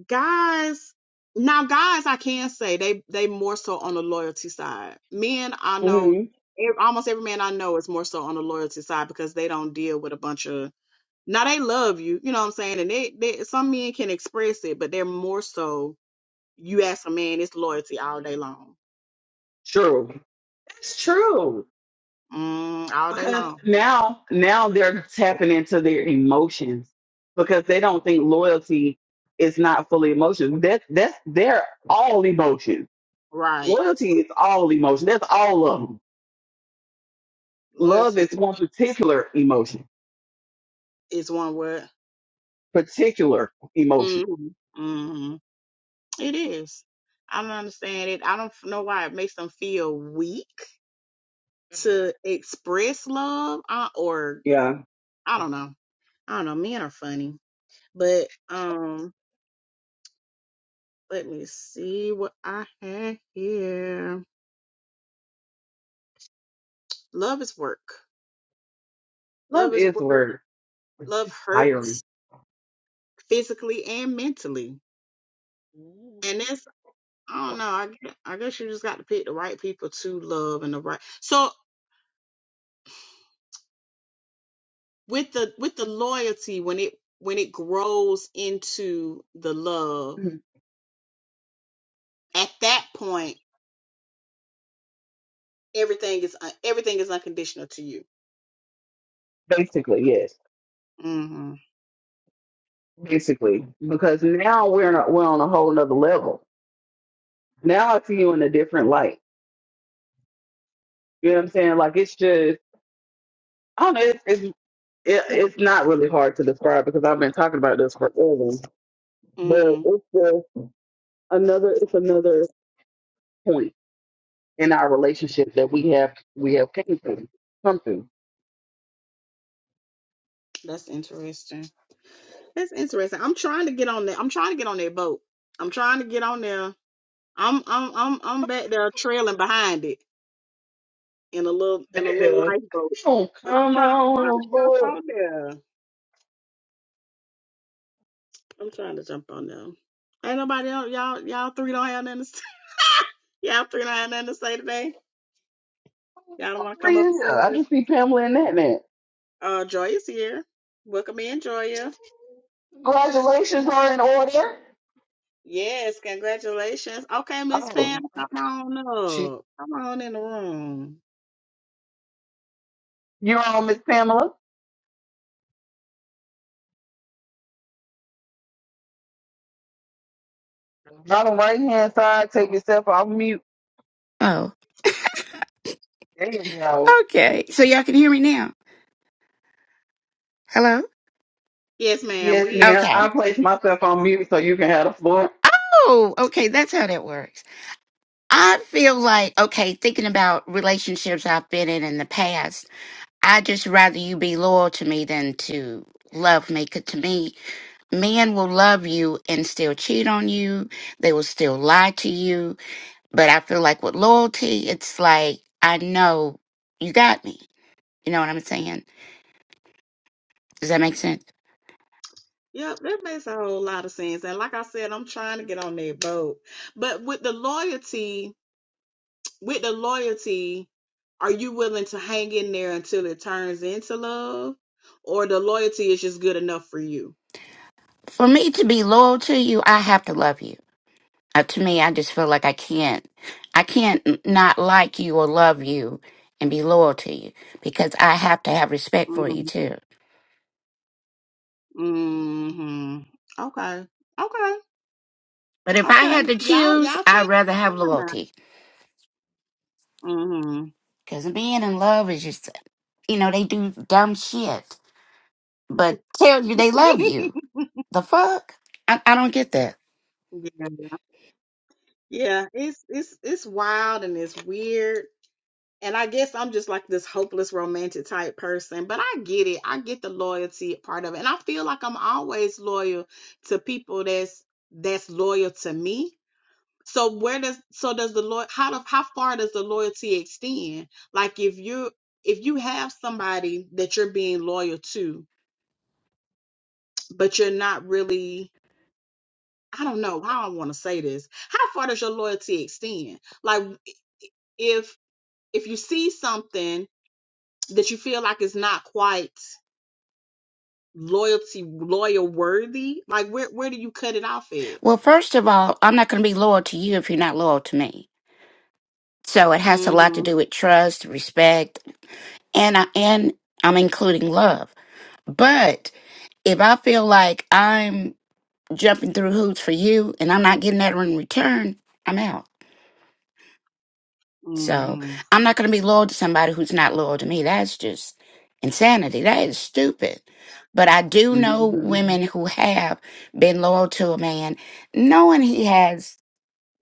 S2: guys. Now, guys, I can say they they more so on the loyalty side. Men, I know
S1: hmm
S2: ev- almost every man I know is more so on the loyalty side because they don't deal with a bunch of. Now they love you, you know what I'm saying, and they, they some men can express it, but they're more so You ask a man, it's loyalty all day long.
S1: True. It's true.
S2: Mm, all day
S1: Because
S2: long.
S1: now, now they're tapping into their emotions because they don't think loyalty is not fully emotion. That that's they're all emotions.
S2: Right.
S1: Loyalty is all emotion. That's all of them. Love is
S2: Loyalty
S1: one particular emotion.
S2: is one word.
S1: Particular emotion.
S2: Mm-hmm. Mm-hmm. It is. I don't understand it. I don't f- know why it makes them feel weak to express love uh, or
S1: Yeah,
S2: I don't know. I don't know. Men are funny. But um let me see what I have here. Love is work.
S1: love
S2: Love is
S1: is a
S2: work.
S1: word.
S2: Love
S1: It's tiring.
S2: hurts physically and mentally. and that's. I don't know. I guess, I guess you just got to pick the right people to love and the right. So with the with the loyalty, when it when it grows into the love, at that point, everything is un- everything is unconditional to you.
S1: Basically, yes.
S2: Mm-hmm.
S1: Basically, because now we're in a, we're on a whole nother level. Now I see you in a different light. You know what I'm saying? Like it's just I don't know. It's it's, it, it's not really hard to describe because I've been talking about this for forever. But
S2: Mm,
S1: it's just another it's another point in our relationship that we have we have came to something.
S2: that's interesting. That's interesting. I'm trying to get on that. I'm trying to get on that boat. I'm trying to get on there. I'm I'm I'm I'm back there trailing behind it in a little in a little lifeboat.
S1: Oh
S2: But I'm
S1: come
S2: trying I'm trying to
S1: on,
S2: jump
S1: boy!
S2: on there. I'm trying to jump on them. Ain't nobody else. Y'all, y'all three don't have nothing to say. y'all three don't have nothing to say today. Y'all don't want to come
S1: Three
S2: up
S1: in
S2: and say
S1: here. I
S2: this.
S1: just see Pamela and that man.
S2: Uh, Joya's here. Welcome in, Joya.
S1: Congratulations are in order.
S2: Yes, congratulations. Okay, Miss Pam,
S1: Oh,
S2: come on
S1: she,
S2: up. Come on in the room.
S1: you're on Miss Pamela. Bottom right hand side. Take yourself off mute.
S3: Oh,
S1: There you go.
S3: okay. So y'all can hear me now. Hello?
S2: Yes, ma'am.
S1: Yes,
S2: We.
S1: ma'am.
S3: Okay.
S1: I place myself on mute so you can have the floor.
S3: Oh, okay. That's how that works. I feel like, okay, thinking about relationships I've been in in the past, I just rather you be loyal to me than to love me. 'Cause to me, men will love you and still cheat on you. They will still lie to you. But I feel like with loyalty, it's like, I know you got me. You know what I'm saying? Does that make sense?
S2: Yep, that makes a whole lot of sense. And like I said, I'm trying to get on their boat. But with the loyalty with the loyalty, are you willing to hang in there until it turns into love, or the loyalty is just good enough for you?
S3: For me to be loyal to you, I have to love you Uh, to me, I just feel like I can't, I can't n- not like you or love you and be loyal to you because I have to have respect for you
S2: hmm
S3: too.
S2: hmm Okay. Okay.
S3: But if I
S2: Okay.
S3: had to
S2: Y'all,
S3: choose,
S2: y'all change
S3: I'd rather have
S2: your mind
S3: loyalty
S2: now. hmm
S3: because being in love is just, you know, they do dumb shit, but tell you they love you. The fuck? I, I don't get that.
S2: yeah. Yeah. It's it's it's wild and it's weird. And I guess I'm just like this hopeless romantic type person, but I get it. I get the loyalty part of it. And I feel like I'm always loyal to people that's that's loyal to me. So where does so does the loy how do, how far does the loyalty extend? Like if you if you have somebody that you're being loyal to, but you're not really I don't know how I want to say this. How far does your loyalty extend? Like if if you see something that you feel like it's not quite loyalty loyal worthy like where where do you cut it off at
S3: Well, first of all, I'm not going to be loyal to you if you're not loyal to me. So it has a lot to
S2: mhm
S3: do with trust, respect, and I and I'm including love. But if I feel like I'm jumping through hoops for you and I'm not getting that in return, I'm out. So
S2: mhm
S3: I'm not going to be loyal to somebody who's not loyal to me. That's just insanity. That is stupid. But I do know
S1: hmm
S2: Mm
S3: women who have been loyal to a man, knowing he has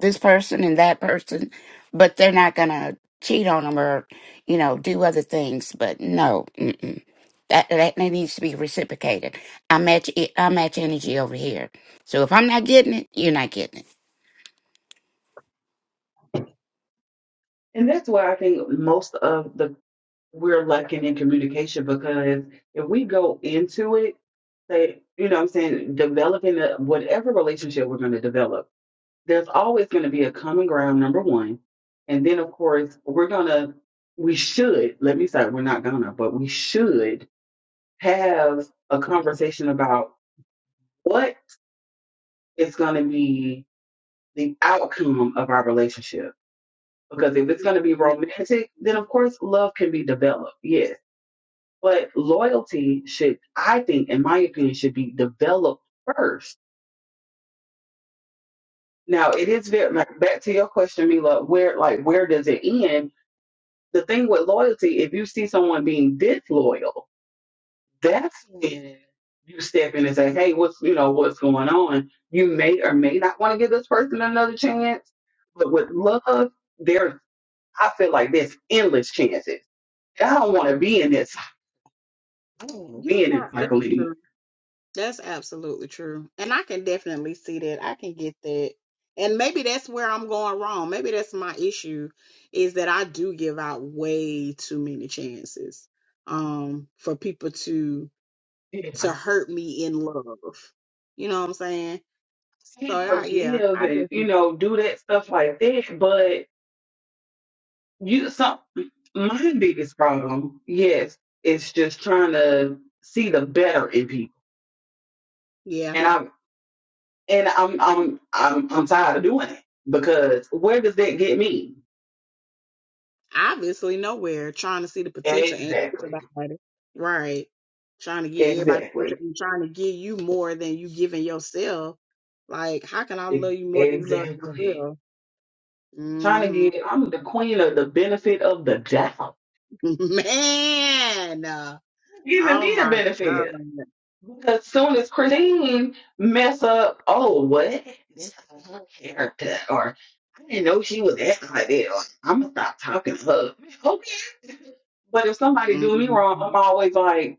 S3: this person and that person, but they're not gonna cheat on them or you know do other things. But no, mm-mm. that that that needs to be reciprocated. I match it. I match energy over here. So if I'm not getting it, you're not getting it.
S1: And that's why I think most of the we're lacking in communication because if we go into it, say, you know what I'm saying, developing a, whatever relationship we're going to develop, there's always going to be a common ground, number one. And then, of course, we're going to, we should, let me say, we're not going to, but we should have a conversation about what is going to be the outcome of our relationship. Because if it's going to be
S2: mhm.
S1: romantic, then of course love can be developed, yes. But loyalty should, I think, in my opinion, should be developed first. Now it is very like back to your question, Mila. Where like where does it end? The thing with loyalty, if you see someone being disloyal, that's when you step in and say, "Hey, what's you know what's going on?" You may or may not want to give this person another chance, but with love, there. I feel like there's endless chances. I don't want to be in this. I don't want to be
S2: you
S1: in this
S2: right that's
S1: cycle anymore.
S2: true that's absolutely true and i can definitely see that i can get that and maybe that's where i'm going wrong maybe that's my issue is that i do give out way too many chances um for people to
S1: Yeah. I
S2: to hurt me in love you know what i'm saying so
S1: can't
S2: I, yeah
S1: forgive
S2: i
S1: and you
S2: definitely
S1: know do that stuff like that. But you, some my biggest problem, yes, is just trying to see the better in people,
S2: Yeah.
S1: and I'm and I'm I'm I'm I'm tired of doing it because where does that get me?
S2: Obviously nowhere trying to see the potential in
S1: Exactly,
S2: everybody. Right. Trying to get everybody
S1: exactly,
S2: potential and trying to give you more than you giving yourself. Like, how can I love you more than you love
S1: exactly.
S2: yourself?
S1: Trying to
S2: hmm
S1: get I'm the queen of the benefit of the doubt.
S2: Man. uh,
S1: giving
S2: Oh
S1: me the
S2: my God.
S1: benefit. Because soon as Christine mess up, oh what? This is her character or I didn't know she was acting like that or I'ma stop talking to her. Okay. But if somebody
S2: hmm
S1: do me wrong, I'm always like,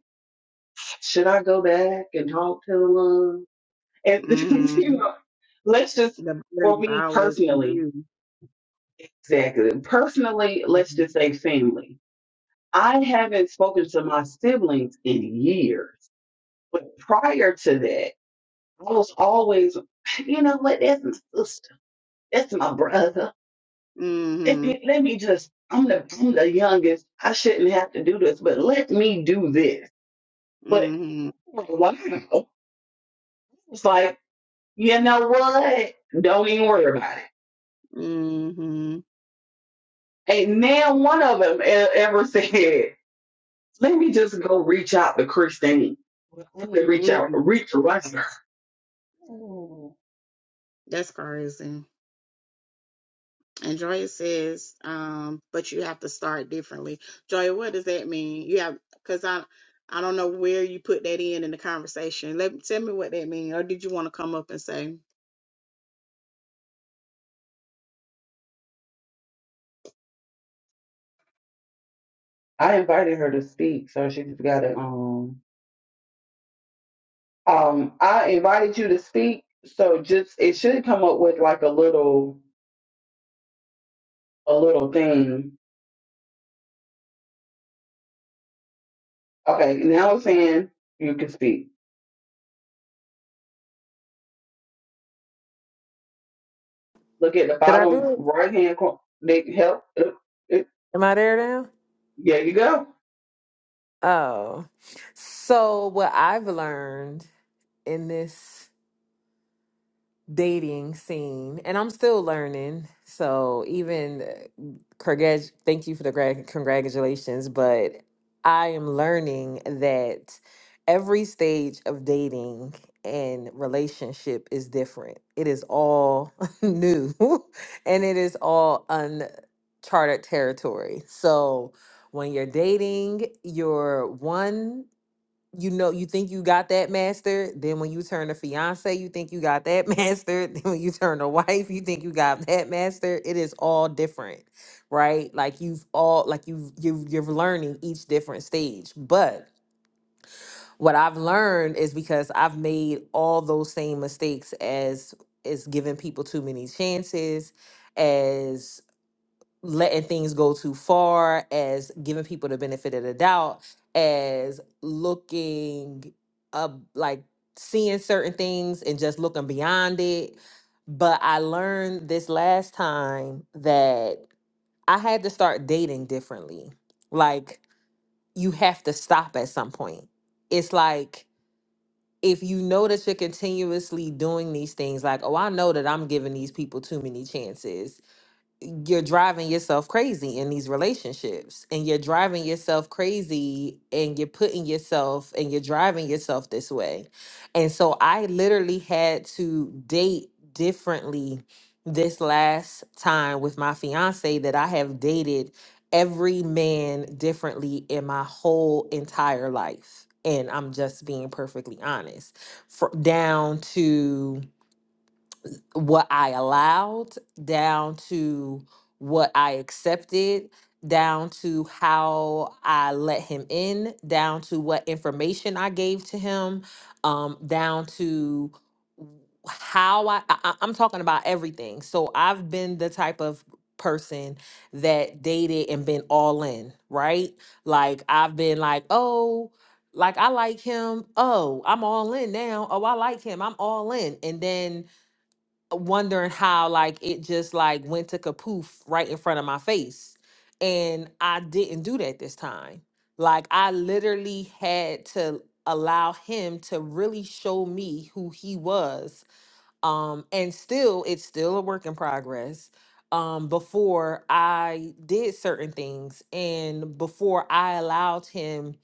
S1: should I go back and talk to them? And
S2: hmm
S1: you know, let's just
S2: The
S1: for
S2: burden is
S1: me
S2: always on
S1: personally,
S2: you.
S1: exactly. Personally,
S2: Yeah.
S1: let's just say family. I haven't spoken to my siblings in years. But prior to that, I was always, you know what? That's my sister. That's my brother. Let
S2: hmm
S1: me, let me just. I'm the I'm the youngest. I shouldn't have to do this, but let me do this. But
S2: hmm
S1: wow, it's like you know what? Don't even worry about
S2: hmm
S1: it. And now one of them e, ever said, "Let me just go reach out to Christine." Let me reach out,
S2: hmm
S1: reach around her.
S2: That's crazy. And Joya says, um, but you have to start differently. Joya, what does that mean? You have because I I don't know where you put that in in the conversation. Let tell me what that means, or did you want to come up and say,
S1: I invited her to speak, so she's got to um Um, I invited you to speak, so just it should come up with like a little a little thing. Okay, now it's saying you can speak. Look at the
S4: Did I do
S1: bottom
S4: it?
S1: right hand corner. They help. It, it,
S4: Am I there now?
S1: there you go.
S4: Oh. So, what I've learned in this dating scene and I'm still learning. So even uh, congrat thank you for the gra- congratulations, but I am learning that every stage of dating and relationship is different. It is all new and it is all uncharted territory. So when you're dating, you're one you know you think you got that master then when you turn to fiance you think you got that master then when you turn to wife you think you got that master it is all different right like you've all like you've you've you're learning each different stage but what i've learned is because i've made all those same mistakes as is giving people too many chances as letting things go too far, as giving people the benefit of the doubt, as looking up like seeing certain things and just looking beyond it. But I learned this last time that I had to start dating differently. Like you have to stop at some point. It's like if you know that you're continuously doing these things, like, oh, I know that I'm giving these people too many chances you're driving yourself crazy in these relationships and you're driving yourself crazy and you're putting yourself and you're driving yourself this way. And so I literally had to date differently this last time with my fiance that I have dated every man differently in my whole entire life. And I'm just being perfectly honest. For, down to what I allowed down to what I accepted down to how I let him in down to what information I gave to him um down to how I, I I- I'm talking about everything. So I've been the type of person that dated and been all in, right? Like I've been like, "Oh, like I like him. Oh, I'm all in now. Oh, I like him. I'm all in." And then wondering how like it just like went to kapoof right in front of my face. And I didn't do that this time. Like I literally had to allow him to really show me who he was. Um and still it's still a work in progress. Um before I did certain things and before I allowed him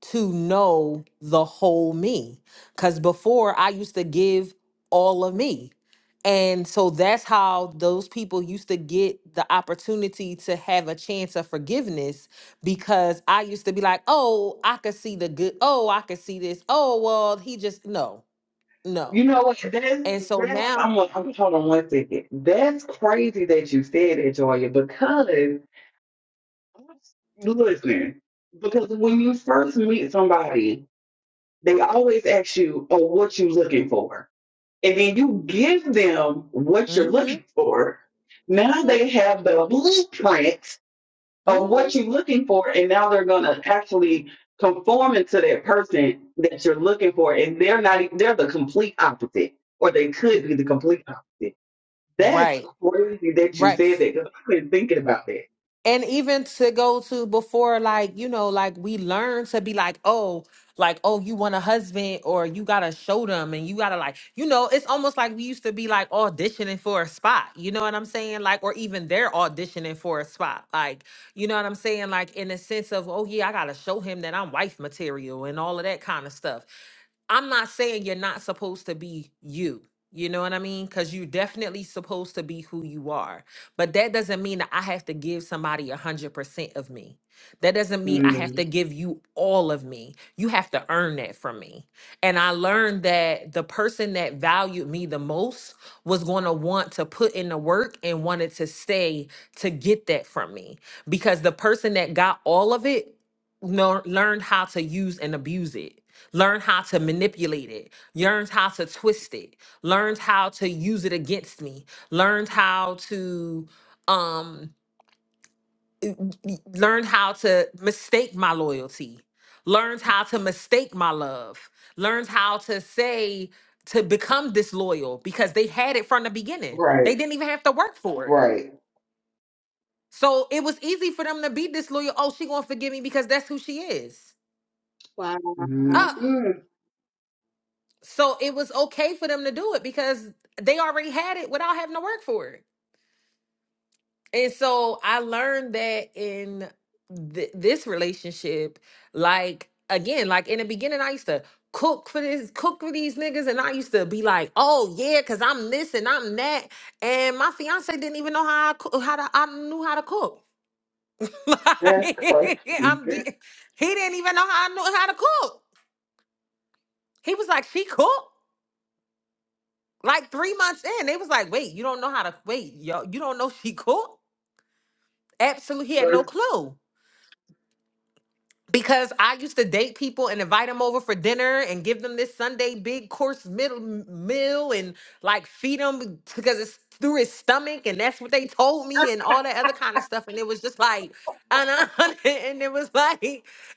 S4: to know the whole me. Because before I used to give all of me. And so that's how those people used to get the opportunity to have a chance of forgiveness because I used to be like, oh, I could see the good. Oh, I could see this. Oh, well, he just, no,
S1: You
S4: no.
S1: know what? That's
S4: And so
S1: that's
S4: now,
S1: I'm gonna- I'm gonna hold on one second. That's crazy that you said that, Joya, because listen, because when you first meet somebody, they always ask you, "Oh, what you looking for?" And then you give them what you're
S4: mm
S1: looking for.
S4: hmm,
S1: Now
S4: mm
S1: they have the blueprint
S4: hmm,
S1: of
S4: mm
S1: what you're looking for, and now they're going to actually conform into that person that you're looking for, and they're not, e, they're the complete opposite, or they could be the complete opposite.
S4: hmm.
S1: That's
S4: Right,
S1: crazy that you said
S4: right.
S1: that because I've been thinking about that.
S4: and even to go to before like you know like we learn to be like oh like oh you want a husband or you gotta show them and you gotta like you know it's almost like we used to be like auditioning for a spot you know what i'm saying like or even they're auditioning for a spot like you know what i'm saying like in the sense of oh yeah i gotta show him that i'm wife material and all of that kind of stuff I'm not saying you're not supposed to be you. You know what I mean? Because you're definitely supposed to be who you are. But that doesn't mean that I have to give somebody 100% of me. That doesn't mean I have
S1: Mm,
S4: to give you all of me. You have to earn that from me. And I learned that the person that valued me the most was going to want to put in the work and wanted to stay to get that from me because the person that got all of it no, learned how to use and abuse it learned how to manipulate it, learned how to twist it, learned how to use it against me, learned how to um y- learned how to mistake my loyalty, learned how to mistake my love, learned how to say to become disloyal because they had it from the beginning. They
S1: right,
S4: didn't even have to work for it.
S1: right.
S4: So it was easy for them to be disloyal. Oh, she gonna forgive me because that's who she is.
S2: wow,
S1: Mm,
S4: Uh,
S1: mm,
S4: So it was okay for them to do it because they already had it without having to work for it. And so I learned that in th- this relationship, like again, like in the beginning, I used to cook for this, cook for these niggas, and I used to be like, "Oh yeah, cause I'm this and I'm that." And my fiance didn't even know how I cook, how to, I knew how to cook.
S1: that's
S4: like,
S1: crazy.
S4: I'm, he didn't even know how I knew how to cook. He was like, "She cooked." Like three months in, they was like, "Wait, you don't know how to wait, yo, you don't know she cooked." Absolutely, he had no clue because I used to date people and invite them over for dinner and give them this Sunday big course middle meal and like feed them because it's through his stomach and that's what they told me and all that other kind of stuff and it was just like and, I- and it was like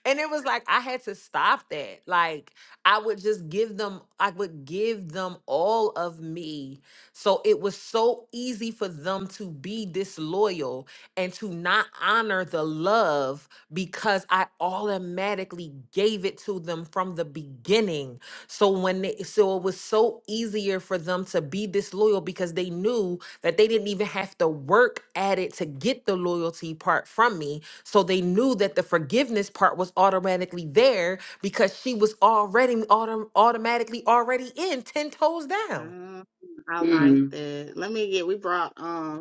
S4: and it was like I had to stop that like I would just give them I would give them all of me so it was so easy for them to be disloyal and to not honor the love because I automatically gave it to them from the beginning. So when they, so it was so easier for them to be disloyal because they knew that they didn't even have to work at it to get the loyalty part from me. So they knew that the forgiveness part was automatically there because she was already autom- automatically already in 10 toes down.
S2: um, I like
S1: Mm.
S2: that. Let me get. We brought um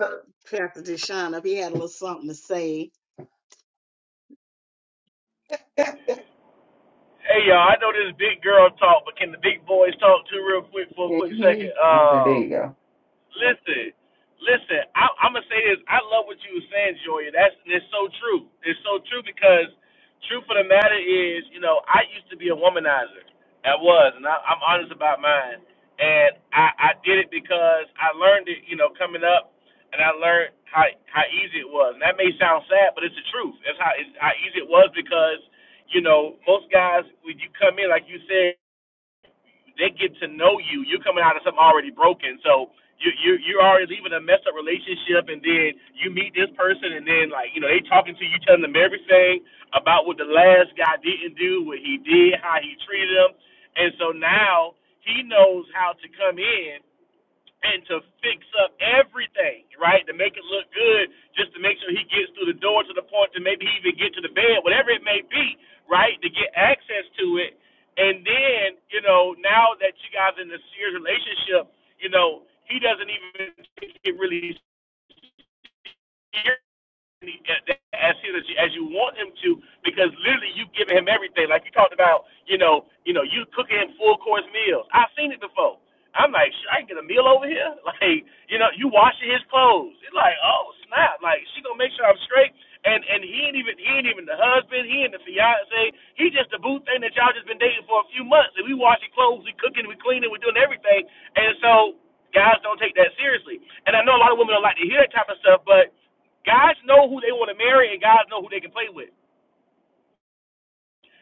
S1: So,
S2: Pastor Deshaun up. He had a little something to say.
S1: yeah, can
S5: Hey y'all, I know this big girl talk, but can the big boys talk too real quick for a
S1: you
S5: quick
S1: hear
S5: second?
S1: me? Okay, there
S5: Um,
S1: you go.
S5: Listen, listen. I, I'm gonna say this. I love what you were saying, Joya. That's it's so true. It's so true because truth of the matter is, you know, I used to be a womanizer. I was, and I, I'm honest about mine. And I, I did it because I learned it, you know, coming up, and I learned how how easy it was. And that may sound sad, but it's the truth. It's how it's how easy it was because, you know, most guys when you come in, like you said. They get to know you. You're coming out of something already broken. So you you you're already leaving a messed up relationship, and then you meet this person, and then like you know they talking to you, telling them everything about what the last guy didn't do, what he did, how he treated them, and so now he knows how to come in and to fix up everything, right? To make it look good, just to make sure he gets through the door to the point to maybe even get to the bed, whatever it may be, right? To get access to it. And then, you know, now that you guys are in a serious relationship, you know, he doesn't even take it really serious as soon as you, as you want him to, because literally you have given him everything. Like you talked about, you know, you know, you cooking him full course meals. I've seen it before. I'm like, should I get a meal over here? Like, you know, you washing his clothes. It's like, oh snap! Like she gonna make sure I'm straight. And and he ain't even he ain't even the husband. He ain't the fiance. He just the boo thing that y'all just been dating for a few months. And we washing clothes, we cooking, we cleaning, we doing everything. And so guys don't take that seriously. And I know a lot of women don't like to hear that type of stuff, but Guys know who they want to marry, and guys know who they can play with.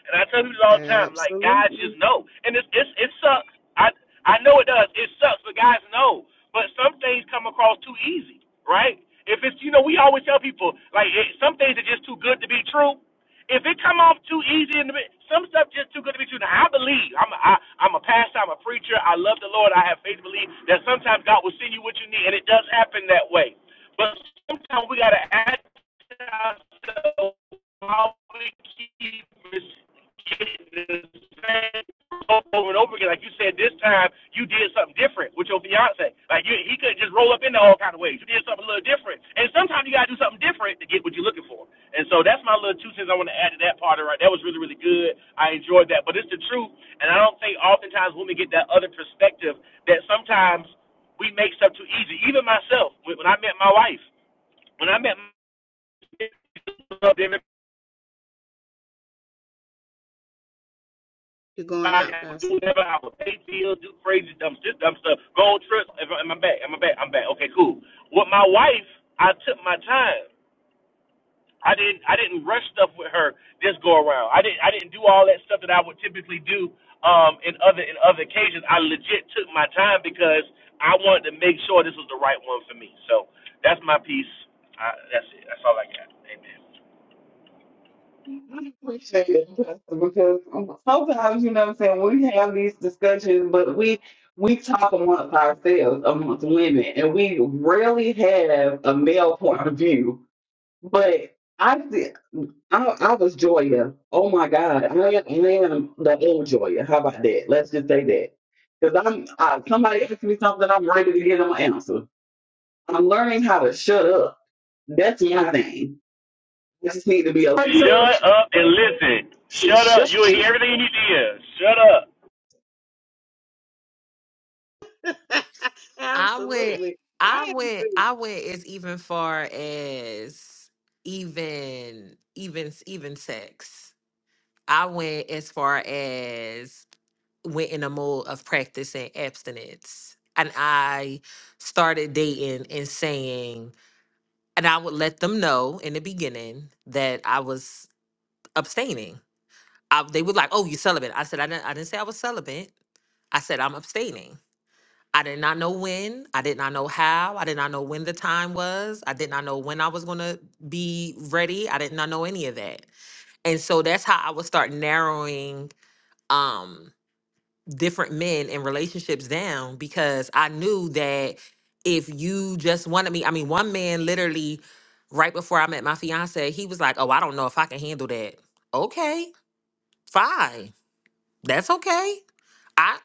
S5: And I tell people all the time, like guys just
S2: Absolutely.
S5: know, and it's it's it sucks. I I know it does. It sucks, but guys know. But some things come across too easy, right? If it's you know, we always tell people like it, some things are just too good to be true. If it come off too easy in the some stuff just too good to be true. Now I believe I'm a, I, I'm a pastor, I'm a preacher. I love the Lord. I have faith to believe that sometimes God will send you what you need, and it does happen that way. But sometimes we gotta ask ourselves how we keep receiving over and over again. Like you said, this time you did something different with your fiance. Like you, he could just roll up in all kind of ways. You did something a little different, and sometimes you gotta do something different to get what you're looking for. And so that's my little two cents I want to add to that part. Right, that was really really good. I enjoyed that, but it's the truth, and I don't think oftentimes women get that other perspective that sometimes we make stuff too easy. Even myself, when I met my wife, when I met my, wife,
S2: You're going
S5: everybody.
S2: out,
S5: I would do
S2: Pastor.
S5: whatever. I would pay bills, do crazy dumb shit, dumb stuff, go on trips. I- Am I back? Am I back? I'm back. Okay, cool. With my wife, I took my time. I didn't. I didn't rush stuff with her this go around. I didn't. I didn't do all that stuff that I would typically do um, in other in other occasions. I legit took my time because I wanted to make sure this was the right one for me. So that's my piece. I, that's it. That's all I got. Amen.
S1: I appreciate it, Justin, because sometimes you know what I'm saying we have these discussions, but we we talk amongst ourselves, amongst women, and we rarely have a male point of view. But I see- I, I was Joya. Oh my God, I am, I am the old Joya. How about that? Let's just say that. Because I'm I, somebody asks me something, I'm ready to give them an answer. I'm learning how to shut up. That's my thing. I just need to be a
S5: Shut up and listen.
S1: just
S5: Shut up.
S1: shut
S5: You'll
S1: up.
S5: hear everything you need to hear. Shut up.
S4: I went,
S2: Absolutely. I
S4: I
S2: am
S4: went,
S2: too.
S4: I went as even far as even, even, even sex. I went as far as went in a mode of practicing abstinence. And I started dating and saying, and I would let them know in the beginning that I was abstaining. I, they were like, "Oh, you celibate?" I said, "I didn't. I didn't say I was celibate. I said I'm abstaining." I did not know when. I did not know how. I did not know when the time was. I did not know when I was going to be ready. I did not know any of that. And so that's how I would start narrowing um different men and relationships down because I knew that if you just wanted me, I mean, one man literally right before I met my fiance, he was like, "Oh, I don't know if I can handle that." Okay, fine. That's okay I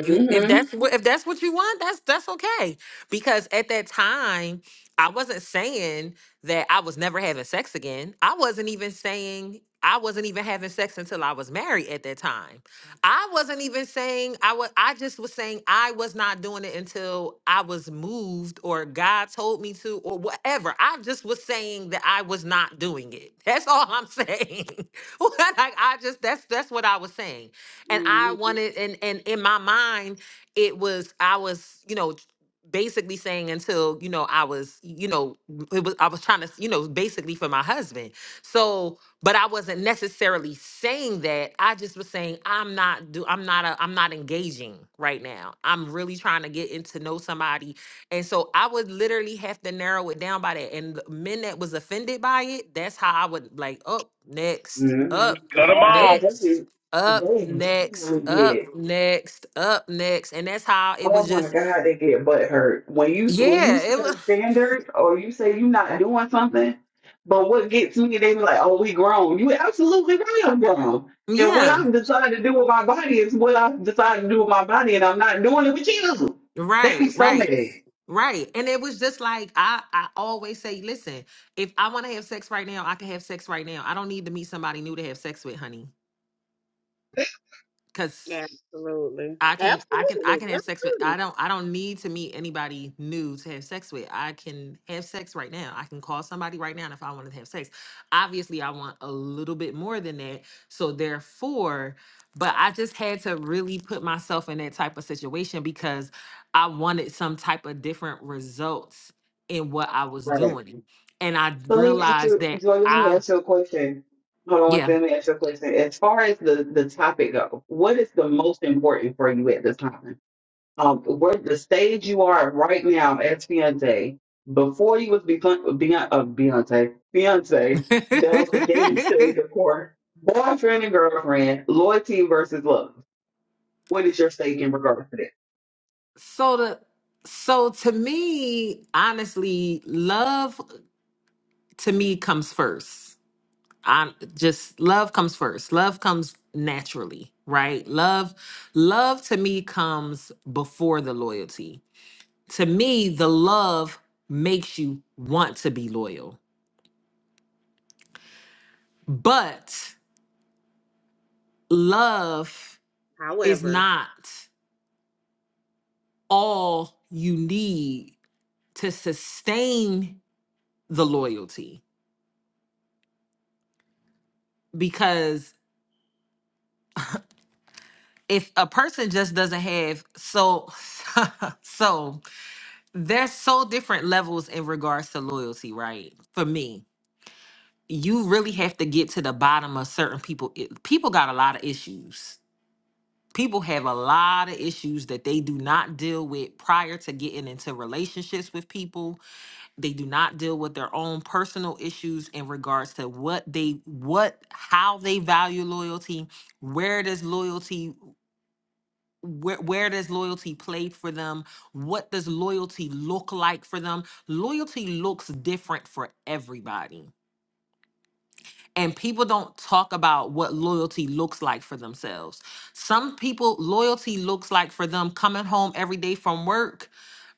S4: you if that's what if that's what you want, that's that's okay. Because at that time, I wasn't saying that I was never having sex again. I wasn't even saying I wasn't even having sex until I was married at that time. I wasn't even saying I was I just was saying I was not doing it until I was moved or God told me to or whatever. I just was saying that I was not doing it. That's all I'm saying. like I just that's that's what I was saying and I
S2: Mhm.
S4: wanted and and in my mind it was I was you know basically saying until you know I was you know it was I was trying to you know basically for my husband so but I wasn't necessarily saying that I just was saying I'm not do I'm not a, I'm not engaging right now I'm really trying to get into know somebody and so I would literally have to narrow it down by that and the men that was offended by it that's how I would like up next
S1: Mm-hmm.
S4: up
S5: Cut them
S2: Not
S1: They
S5: off.
S4: next
S1: definitely,
S4: up
S1: they
S4: next,
S1: definitely
S4: up
S1: get.
S4: next, up next. And that's how it
S1: Oh
S4: was
S1: my
S4: just,
S1: God, they get butt hurt when you when you
S4: yeah,
S1: set
S4: it
S1: a
S4: was,
S1: standard or you say you're not doing something. But what gets me, they be like, "Oh, we grown." You absolutely right, I'm grown. And what
S4: yeah,
S1: I've decided to do with my body is what I've decided to do with my body, and I'm not doing it with you. They be
S4: right,
S1: so mad.
S4: right, right. And it was just like, I, I always say, listen, if I want to have sex right now, I can have sex right now. I don't need to meet somebody new to have sex with, honey. Cause
S2: Absolutely.
S4: I can I can I
S2: Absolutely.
S4: can have
S2: That's
S4: sex with
S2: true.
S4: I don't I don't need to meet anybody new to have sex with. I can have sex right now. I can call somebody right now if I wanted to have sex. Obviously, I want a little bit more than that. So therefore, but I just had to really put myself in that type of situation because I wanted some type of different results in what I was
S1: Right.
S4: doing. And I
S1: So let me ask
S4: realized
S1: you,
S4: that
S1: Joy, let me
S4: I
S1: ask you a question. Hold on, one
S4: yeah.
S1: second, let me ask you a question. As far as the, the topic go, what is the most important for you at this time? Um, where the stage you are at right now as fiance, before you was become Beyonce, uh, Beyonce, fiance, that was the dating stage, of course. Boyfriend and girlfriend, loyalty versus love. What is your stake in regards to that?
S4: So the so to me, honestly, love to me comes first. I just love comes first. Love comes naturally, right? Love love to me comes before the loyalty. To me, the love makes you want to be loyal. But love is
S2: However.
S4: not all you need to sustain the loyalty because if a person just doesn't have so so there's so different levels in regards to loyalty right for me you really have to get to the bottom of certain people i- people got a lot of issues people have a lot of issues that they do not deal with prior to getting into relationships with people they do not deal with their own personal issues in regards to what they what how they value loyalty where does loyalty where where does loyalty play for them what does loyalty look like for them loyalty looks different for everybody and people don't talk about what loyalty looks like for themselves some people loyalty looks like for them coming home every day from work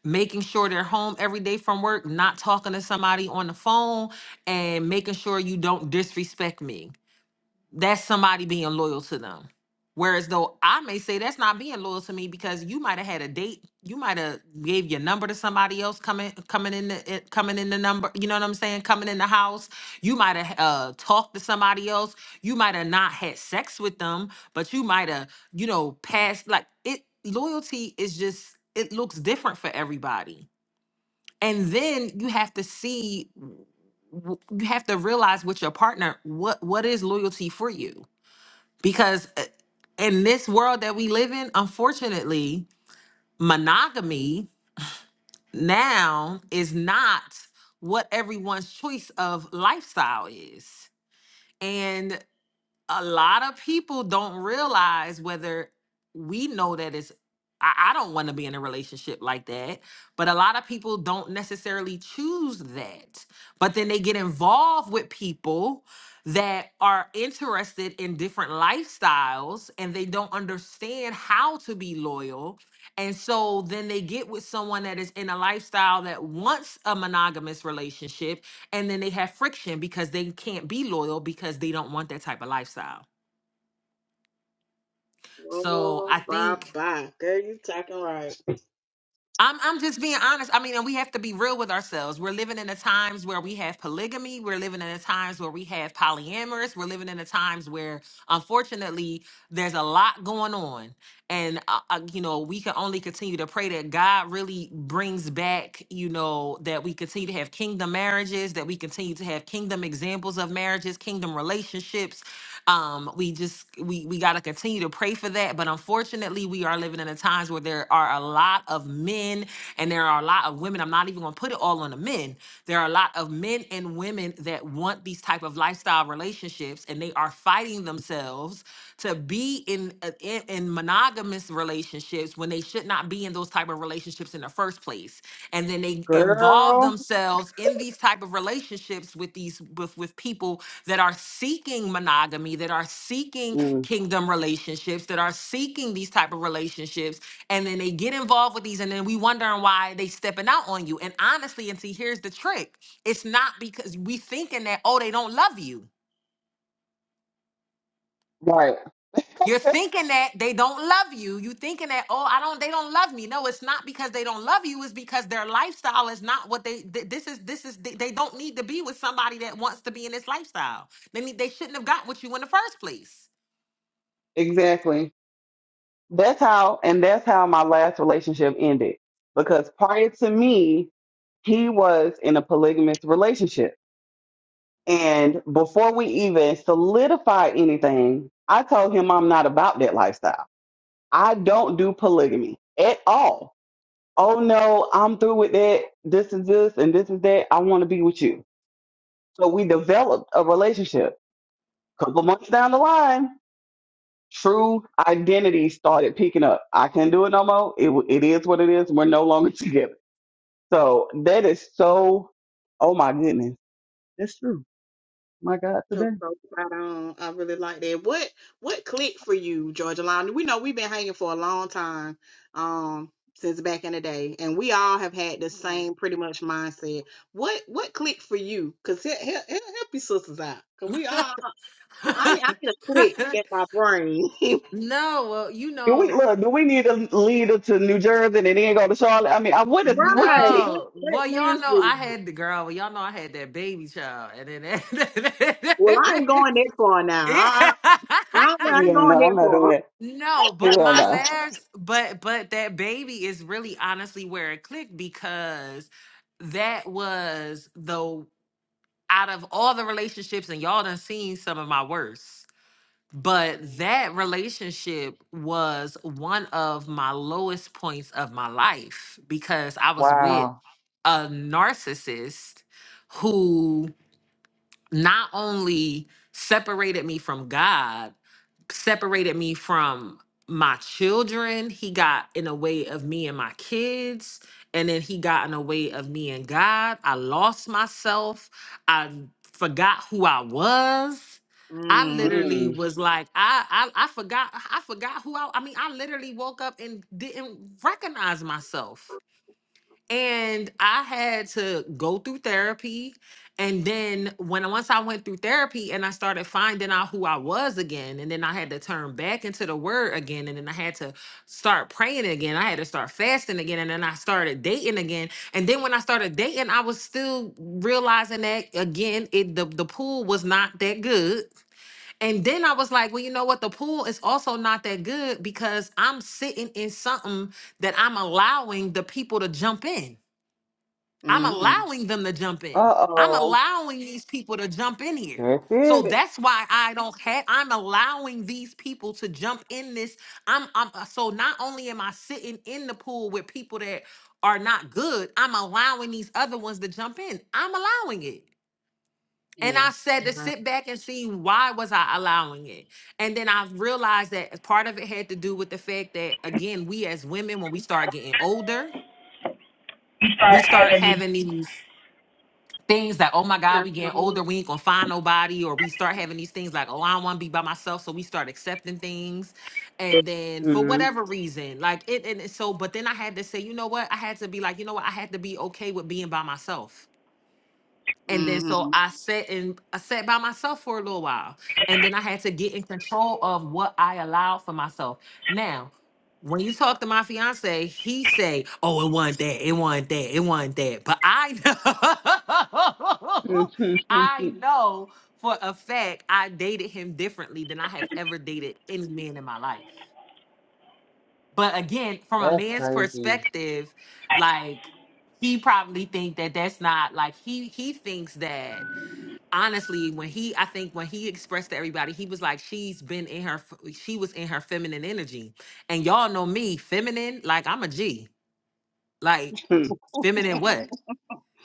S4: making sure they're home every day from work not talking to somebody on the phone and making sure you don't disrespect me that's somebody being loyal to them. Whereas though I may say that's not being loyal to me because you might have had a date, you might have gave your number to somebody else coming coming in the it- coming in the number, you know what I'm saying, coming in the house. You might have uh, talked to somebody else. You might have not had sex with them, but you might have you know passed like it. Loyalty is just it looks different for everybody. And then you have to see, w- you have to realize with your partner what what is loyalty for you because uh, in this world that we live in, unfortunately, monogamy now is not what everyone's choice of lifestyle is. and a lot of people don't realize whether we know that it's I, I don't want to be in a relationship like that, but a lot of people don't necessarily choose that. But then they get involved with people that are interested in different lifestyles and they don't understand how to be loyal. And so then they get with someone that is in a lifestyle that wants a monogamous relationship and then they have friction because they can't be loyal because they don't want that type of lifestyle. So
S2: Oh,
S4: I
S2: bye
S4: think
S2: bye. Girl, you talking right.
S4: I'm I'm just being honest. I mean, and we have to be real with ourselves. We're living in the times where we have polygamy. We're living in the times where we have polyamorous. We're living in the times where, unfortunately, there's a lot going on, and uh, uh, you know we can only continue to pray that God really brings back. You know that we continue to have kingdom marriages, that we continue to have kingdom examples of marriages, kingdom relationships. Um, we just we we got to continue to pray for that. But unfortunately, we are living in the times where there are a are a lot of men and there are a lot of women. I'm not even going to put it all on the men. There are a lot of men and women that want these type of lifestyle relationships and they are fighting themselves to be in uh, in, in monogamous relationships when they should not be in those type of relationships in the first place and then they involve
S1: Girl,
S4: themselves in these type of relationships with these with, with people that are seeking monogamy that are seeking kingdom relationships that are seeking these type of relationships and then they get involved with these and then we wondering why they stepping out on you and honestly and see here's the trick it's not because we thinking that oh they don't love you
S1: Right.
S4: you're thinking that they don't love you you thinking that oh i don't they don't love me no it's not because they don't love you it's because their lifestyle is not what they th- this is this is they, they don't need to be with somebody that wants to be in this lifestyle they need they shouldn't have got with you in the first place
S1: exactly. That's how, and that's how my last relationship ended. Because prior to me, he was in a polygamous relationship. And before we even solidified anything, I told him I'm not about that lifestyle. I don't do polygamy at all. Oh no, I'm through with that. This is this and this is that. I want to be with you. So we developed a relationship. Couple months down the line, true identity started picking up. I can't do it no more. It w- it is what it is. We're no longer together. So that is so. Oh my goodness, that's true. My God,
S2: So,
S1: today.
S2: so spot on. I really like that. What what clicked for you, Georgia Line? We know we've been hanging for a long time, um, since back in the day, and we all have had the same pretty much mindset. What what clicked for you? Cause he, he, he'll help your sisters out. Cause we all I, I need I need a click in my brain.
S4: no well you
S1: Do we
S4: know
S1: look? Do we need a leader to New Jersey and then go to Charlotte? I mean, I, what is what's the
S2: right.
S1: tip?
S2: What
S4: No,
S2: what
S4: well, y'all
S2: lives
S4: know
S2: with
S4: I
S2: you?
S4: had the girl. Well, y'all know I had that baby child, and then that.
S2: Well, I ain't going that far now. I
S4: Yeah.
S2: I, I,
S1: Hell
S2: don't- I ain't going
S1: no, I'm
S2: that
S1: not doing
S2: far.
S1: it.
S4: no, but
S1: Hell
S4: my
S1: no.
S4: last, but but that baby is really honestly where it clicked because that was the out of all the relationships, and y'all done seen some of my worst. But that relationship was one of my lowest points of my life because I was with
S1: Wow.
S4: a narcissist who not only separated me from God, separated me from my children. He got in a way of me and my kids. And then he got in a way of me and God. I lost myself. I forgot who I was. I
S2: Mm,
S4: literally
S1: Mm.
S4: was like, I, I I forgot I forgot who I I mean, I literally woke up and didn't recognize myself and I had to go through therapy. And then when once I went through therapy and I started finding out who I was again, and then I had to turn back into the word again, and then I had to start praying again. I had to start fasting again, and then I started dating again. And then when I started dating, I was still realizing that again, it the, the pool was not that good. And then I was like, well, you know what? The pool is also not that good because I'm sitting in something that I'm allowing the people to jump in. I'm
S2: mm-hmm.
S4: allowing them to jump in.
S1: Uh
S4: I'm
S1: oh.
S4: allowing these people to jump in here.
S1: That's
S4: So
S1: it.
S4: that's why I don't have I'm allowing these people to jump in this. I'm I'm uh, so not only am I sitting in the pool with people that are not good, I'm allowing these other ones to jump in. I'm allowing it. And I said to
S2: Yeah.
S4: sit back and see why was I allowing it. And then I realized that part of it had to do with the fact that again, we as women when we start getting older, we start having these things that oh my god we
S2: That's
S4: getting
S2: what
S4: older
S2: I'm,
S4: we ain't gonna find nobody or we start having these things like oh i don't want to be by myself so we start accepting things and then for Mhm.
S1: Mm.
S4: whatever reason like it and it- so but then i had to say you know what i had to be like you know what i had to be okay with being by myself and then so
S2: hmm
S4: I sat and I sat by myself for a little while. And then I had to get in control of what I allowed for myself. Now, when you talk to my fiance, he say, Oh, it wasn't that, it wasn't that, it wasn't that. But I know I
S1: Mm.
S4: know for a fact I dated him differently than I have ever dated any man in my life. But again, from a
S1: That's
S4: man's
S1: crazy.
S4: perspective, like he probably think that that's not like he he thinks that honestly when he i think when he expressed to everybody he was like she's been in her f- she was in her feminine energy and y'all know me feminine like i'm a g like feminine what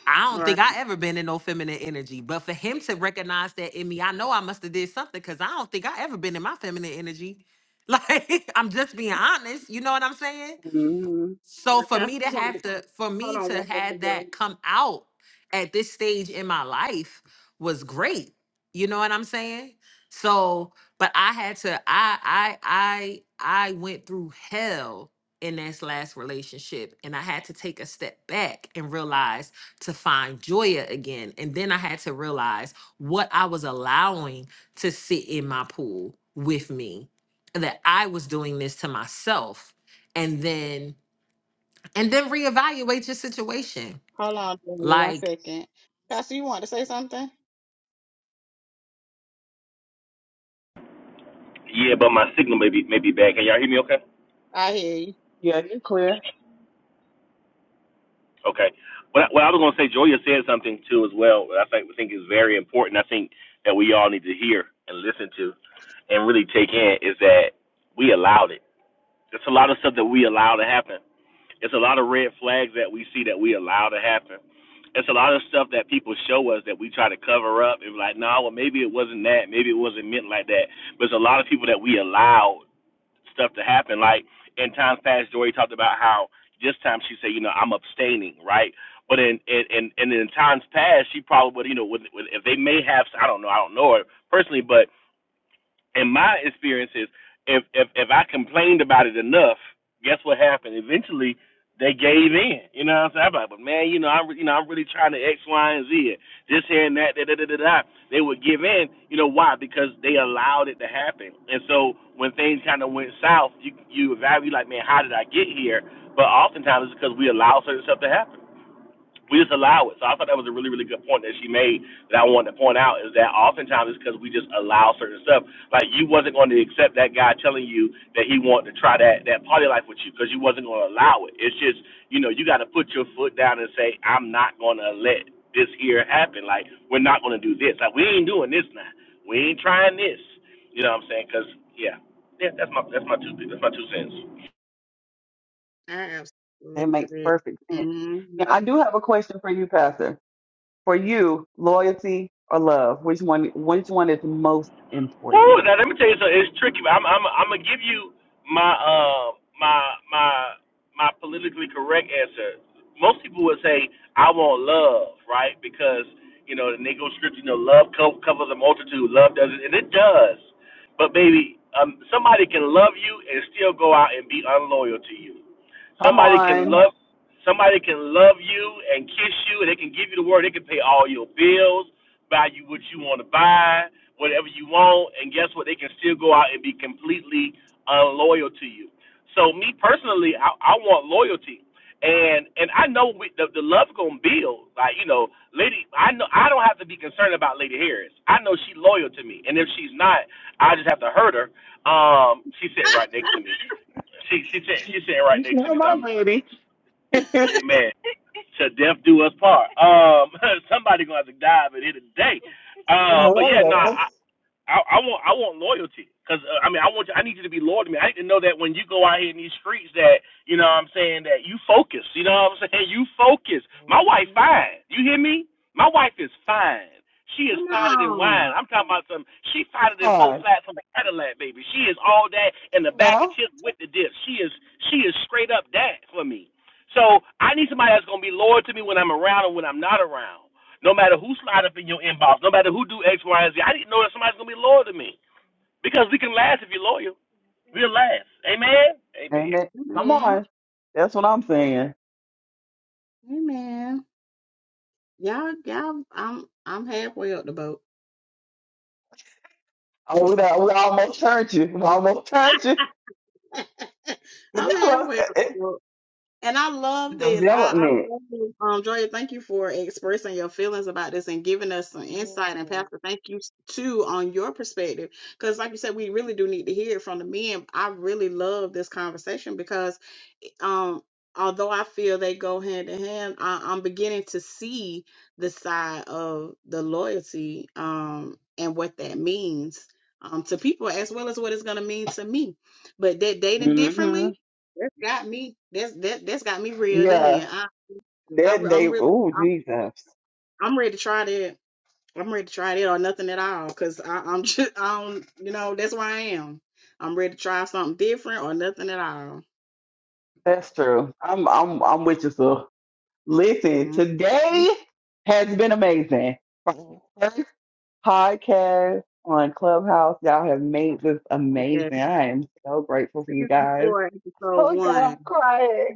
S4: i don't
S2: Right.
S4: think i ever been in no feminine energy but for him to recognize that in me i know i must have did something because i don't think i ever been in my feminine energy like i'm just being honest you know what i'm saying
S1: Mm.
S4: so for
S2: Pastor,
S4: me to
S2: you wanted to,
S4: have to, for
S2: hold
S4: me
S2: on
S4: to
S2: one second,
S4: have
S2: girl.
S4: that come out at this stage in my life was great. You know what I'm saying? So, but I had to, I, I, I, I went through hell in this last relationship and I had to take a step back and realize to find Joya again. And then I had to realize what I was allowing to sit in my pool with me, that I was doing this to myself. And then and then reevaluate your situation.
S2: Hold on, Daniel, one
S4: Like,
S2: second. Pastor, you want to say something?
S5: Yeah, but my signal may be may be bad. Can y'all hear me? Okay.
S2: I hear you.
S1: Yeah, you clear.
S5: Okay. What I, what I was gonna say, Joya said something too as well. That I think think is very important. I think that we all need to hear and listen to, and really take in is that we allowed it. There's a lot of stuff that we allow to happen. It's a lot of red flags that we see that we allow to happen. It's a lot of stuff that people show us that we try to cover up and be like, no, nah, well maybe it wasn't that, maybe it wasn't meant like that. But it's a lot of people that we allow stuff to happen. Like in times past, Joy talked about how this time she said, you know, I'm abstaining, right? But in in in, in times past, she probably would, you know, would, would, if they may have, I don't know, I don't know her personally, but and my experience is if if if I complained about it enough, guess what happened? Eventually they gave in. You know what I'm saying? I'm like, but man, you know, I'm you know, I'm really trying to X, Y, and Z. This here and that, da da da da da. They would give in. You know why? Because they allowed it to happen. And so when things kind of went south, you you evaluate like, man, how did I get here? But oftentimes it's because we allow certain stuff to happen we just allow it. So I thought that was a really, really good point that she made that I wanted to point out is that oftentimes it's because we just allow certain stuff. Like you wasn't going to accept that guy telling you that he wanted to try that that party life with you because you wasn't going to allow it. It's just you know you got to put your foot down and say I'm not going to let this here happen. Like we're not going to do this. Like we ain't doing this now. We ain't trying this. You know what I'm saying? Because yeah, yeah. That's my that's my two that's my two cents.
S2: I
S1: That makes
S2: absolutely.
S1: perfect sense. Now,
S2: Mm-hmm.
S1: I do have a question for you, Pastor. For you, loyalty or love, which one? Which one is most important?
S5: Woo, now let me tell you something. It's tricky. I'm I'm I'm gonna give you my uh my my my politically correct answer. Most people would say I want love, right? Because you know the Negro script, you know, love co- covers a multitude. Love does it, and it does. But baby, um, somebody can love you and still go out and be unloyal to you.
S1: Come
S5: Somebody can
S1: on,
S5: love. Somebody can love you and kiss you, and they can give you the word. They can pay all your bills value what you want to buy, whatever you want, and guess what? They can still go out and be completely unloyal to you. So me personally, I, I want loyalty, and and I know we, the the love gonna build. Like you know, lady, I know I don't have to be concerned about Lady Harris. I know she's loyal to me, and if she's not, I just have to hurt her. Um, she's sitting
S2: Ah,
S5: right next to me. She she's she's sitting
S1: you
S5: right next to
S1: not
S5: me. So
S1: my
S5: I'm,
S1: lady.
S5: amen. Shall death do us part? Um, somebody gonna have to dive in here today. Uh, but yeah, no,
S1: Come
S5: I, I, I want I want loyalty because uh, I mean I want you, I need you to be loyal to me. I need to know that when you go out here in these streets that you know what I'm saying that you focus. You know what I'm saying you focus. My wife fine. You hear me? My wife is fine. She is
S2: come
S5: finer than
S2: on,
S5: wine. I'm talking about some. She finer than four
S1: on
S5: flats from a Cadillac, baby. She is all that in the bag of
S1: now,
S5: chips with the dip. She is she is straight up that for me. So I need somebody that's gonna be loyal to me when I'm around and when I'm not around. No matter who slide up in your inbox, no matter who do X, Y, and Z, I need to know that somebody's gonna be loyal to me. Because we can last if you're loyal. We'll last. Amen. Amen.
S1: amen. Come
S2: Amen.
S1: on, that's what I'm saying.
S2: Amen. Y'all, y'all, I'm, I'm halfway up the boat.
S1: Oh, we, done- we almost turned you. We almost turned you.
S2: I'm
S1: Develop,
S2: halfway up the boat. And I love this. I, I
S1: development.
S2: love this. Um, Joya, thank you for expressing your feelings about this and giving us some insight. And Pastor, thank you s- too on your perspective. Because, like you said, we really do need to hear it from the men. I really love this conversation because um although i feel they go hand in hand I, i'm beginning to see the side of the loyalty um and what that means um to people as well as what it's going to mean to me but that dating
S1: Mm-hmm.
S2: differently that's got me that's that that's got me reeled
S1: Yeah,
S2: in i, I
S1: that they.
S2: i'm really
S1: Oh,
S2: I'm,
S1: Jesus.
S2: I'm ready to try that i'm ready to try that or nothing at all because i'm just i don't you know that's where i am i'm ready to try something different or nothing at all
S1: That's true. I'm I'm I'm with you, sir. Listen,
S2: Mhm.
S1: today has been amazing. From the first podcast on Clubhouse, y'all have made this amazing. I am so grateful for you
S2: Season
S1: guys.
S2: four, episode
S1: Oh, y'all,
S2: one.
S1: I'm crying.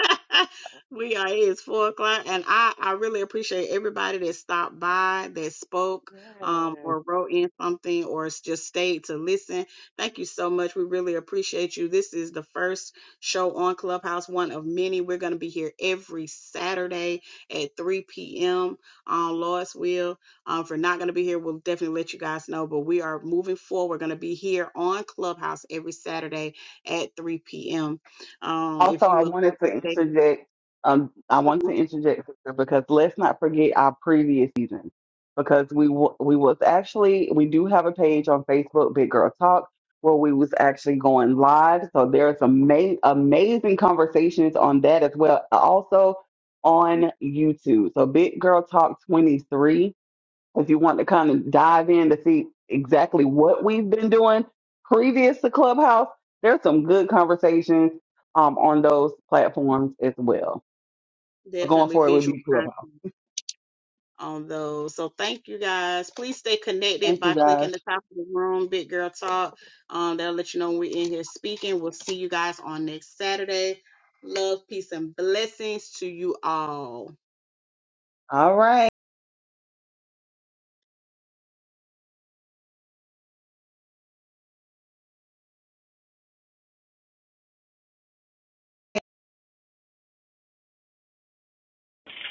S2: we are It's four o'clock, and I I really appreciate everybody that stopped by, that spoke, um,
S1: Yes.
S2: or wrote in something, or s- just stayed to listen. Thank you so much. We really appreciate you. This is the first show on Clubhouse, one of many. We're gonna be here every Saturday at 3 p.m. on Lois Will. Um, if we're not gonna be here, we'll definitely let you guys know. But we are moving forward. We're gonna be here on Clubhouse every Saturday at 3 p.m. Um,
S1: Also,
S2: if you
S1: I
S2: would like
S1: wanted to
S2: they
S1: interject. Um, I want to
S2: can
S1: interject sister, because let's not forget our previous season because we w- we was actually we do have a page on Facebook, Big Girl Talk, where we was actually going live. So there's ama- amazing conversations on that as well. Also on YouTube. So Big Girl Talk 23 if you want to kind of dive in to see exactly what we've been doing previous to Clubhouse, there's some good conversations um, on those platforms as well. But going
S2: definitely
S1: forward would
S2: visual
S1: be Clubhouse.
S2: content on those. So thank you guys. Please stay connected
S1: Thank you
S2: by clicking
S1: guys.
S2: the top of the room, Big Girl Talk. Um, that'll let you know when we're in here speaking. We'll see you guys on next Saturday. Love, peace, and blessings to you all.
S1: All right.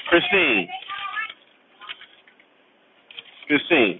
S5: Christine. Christine.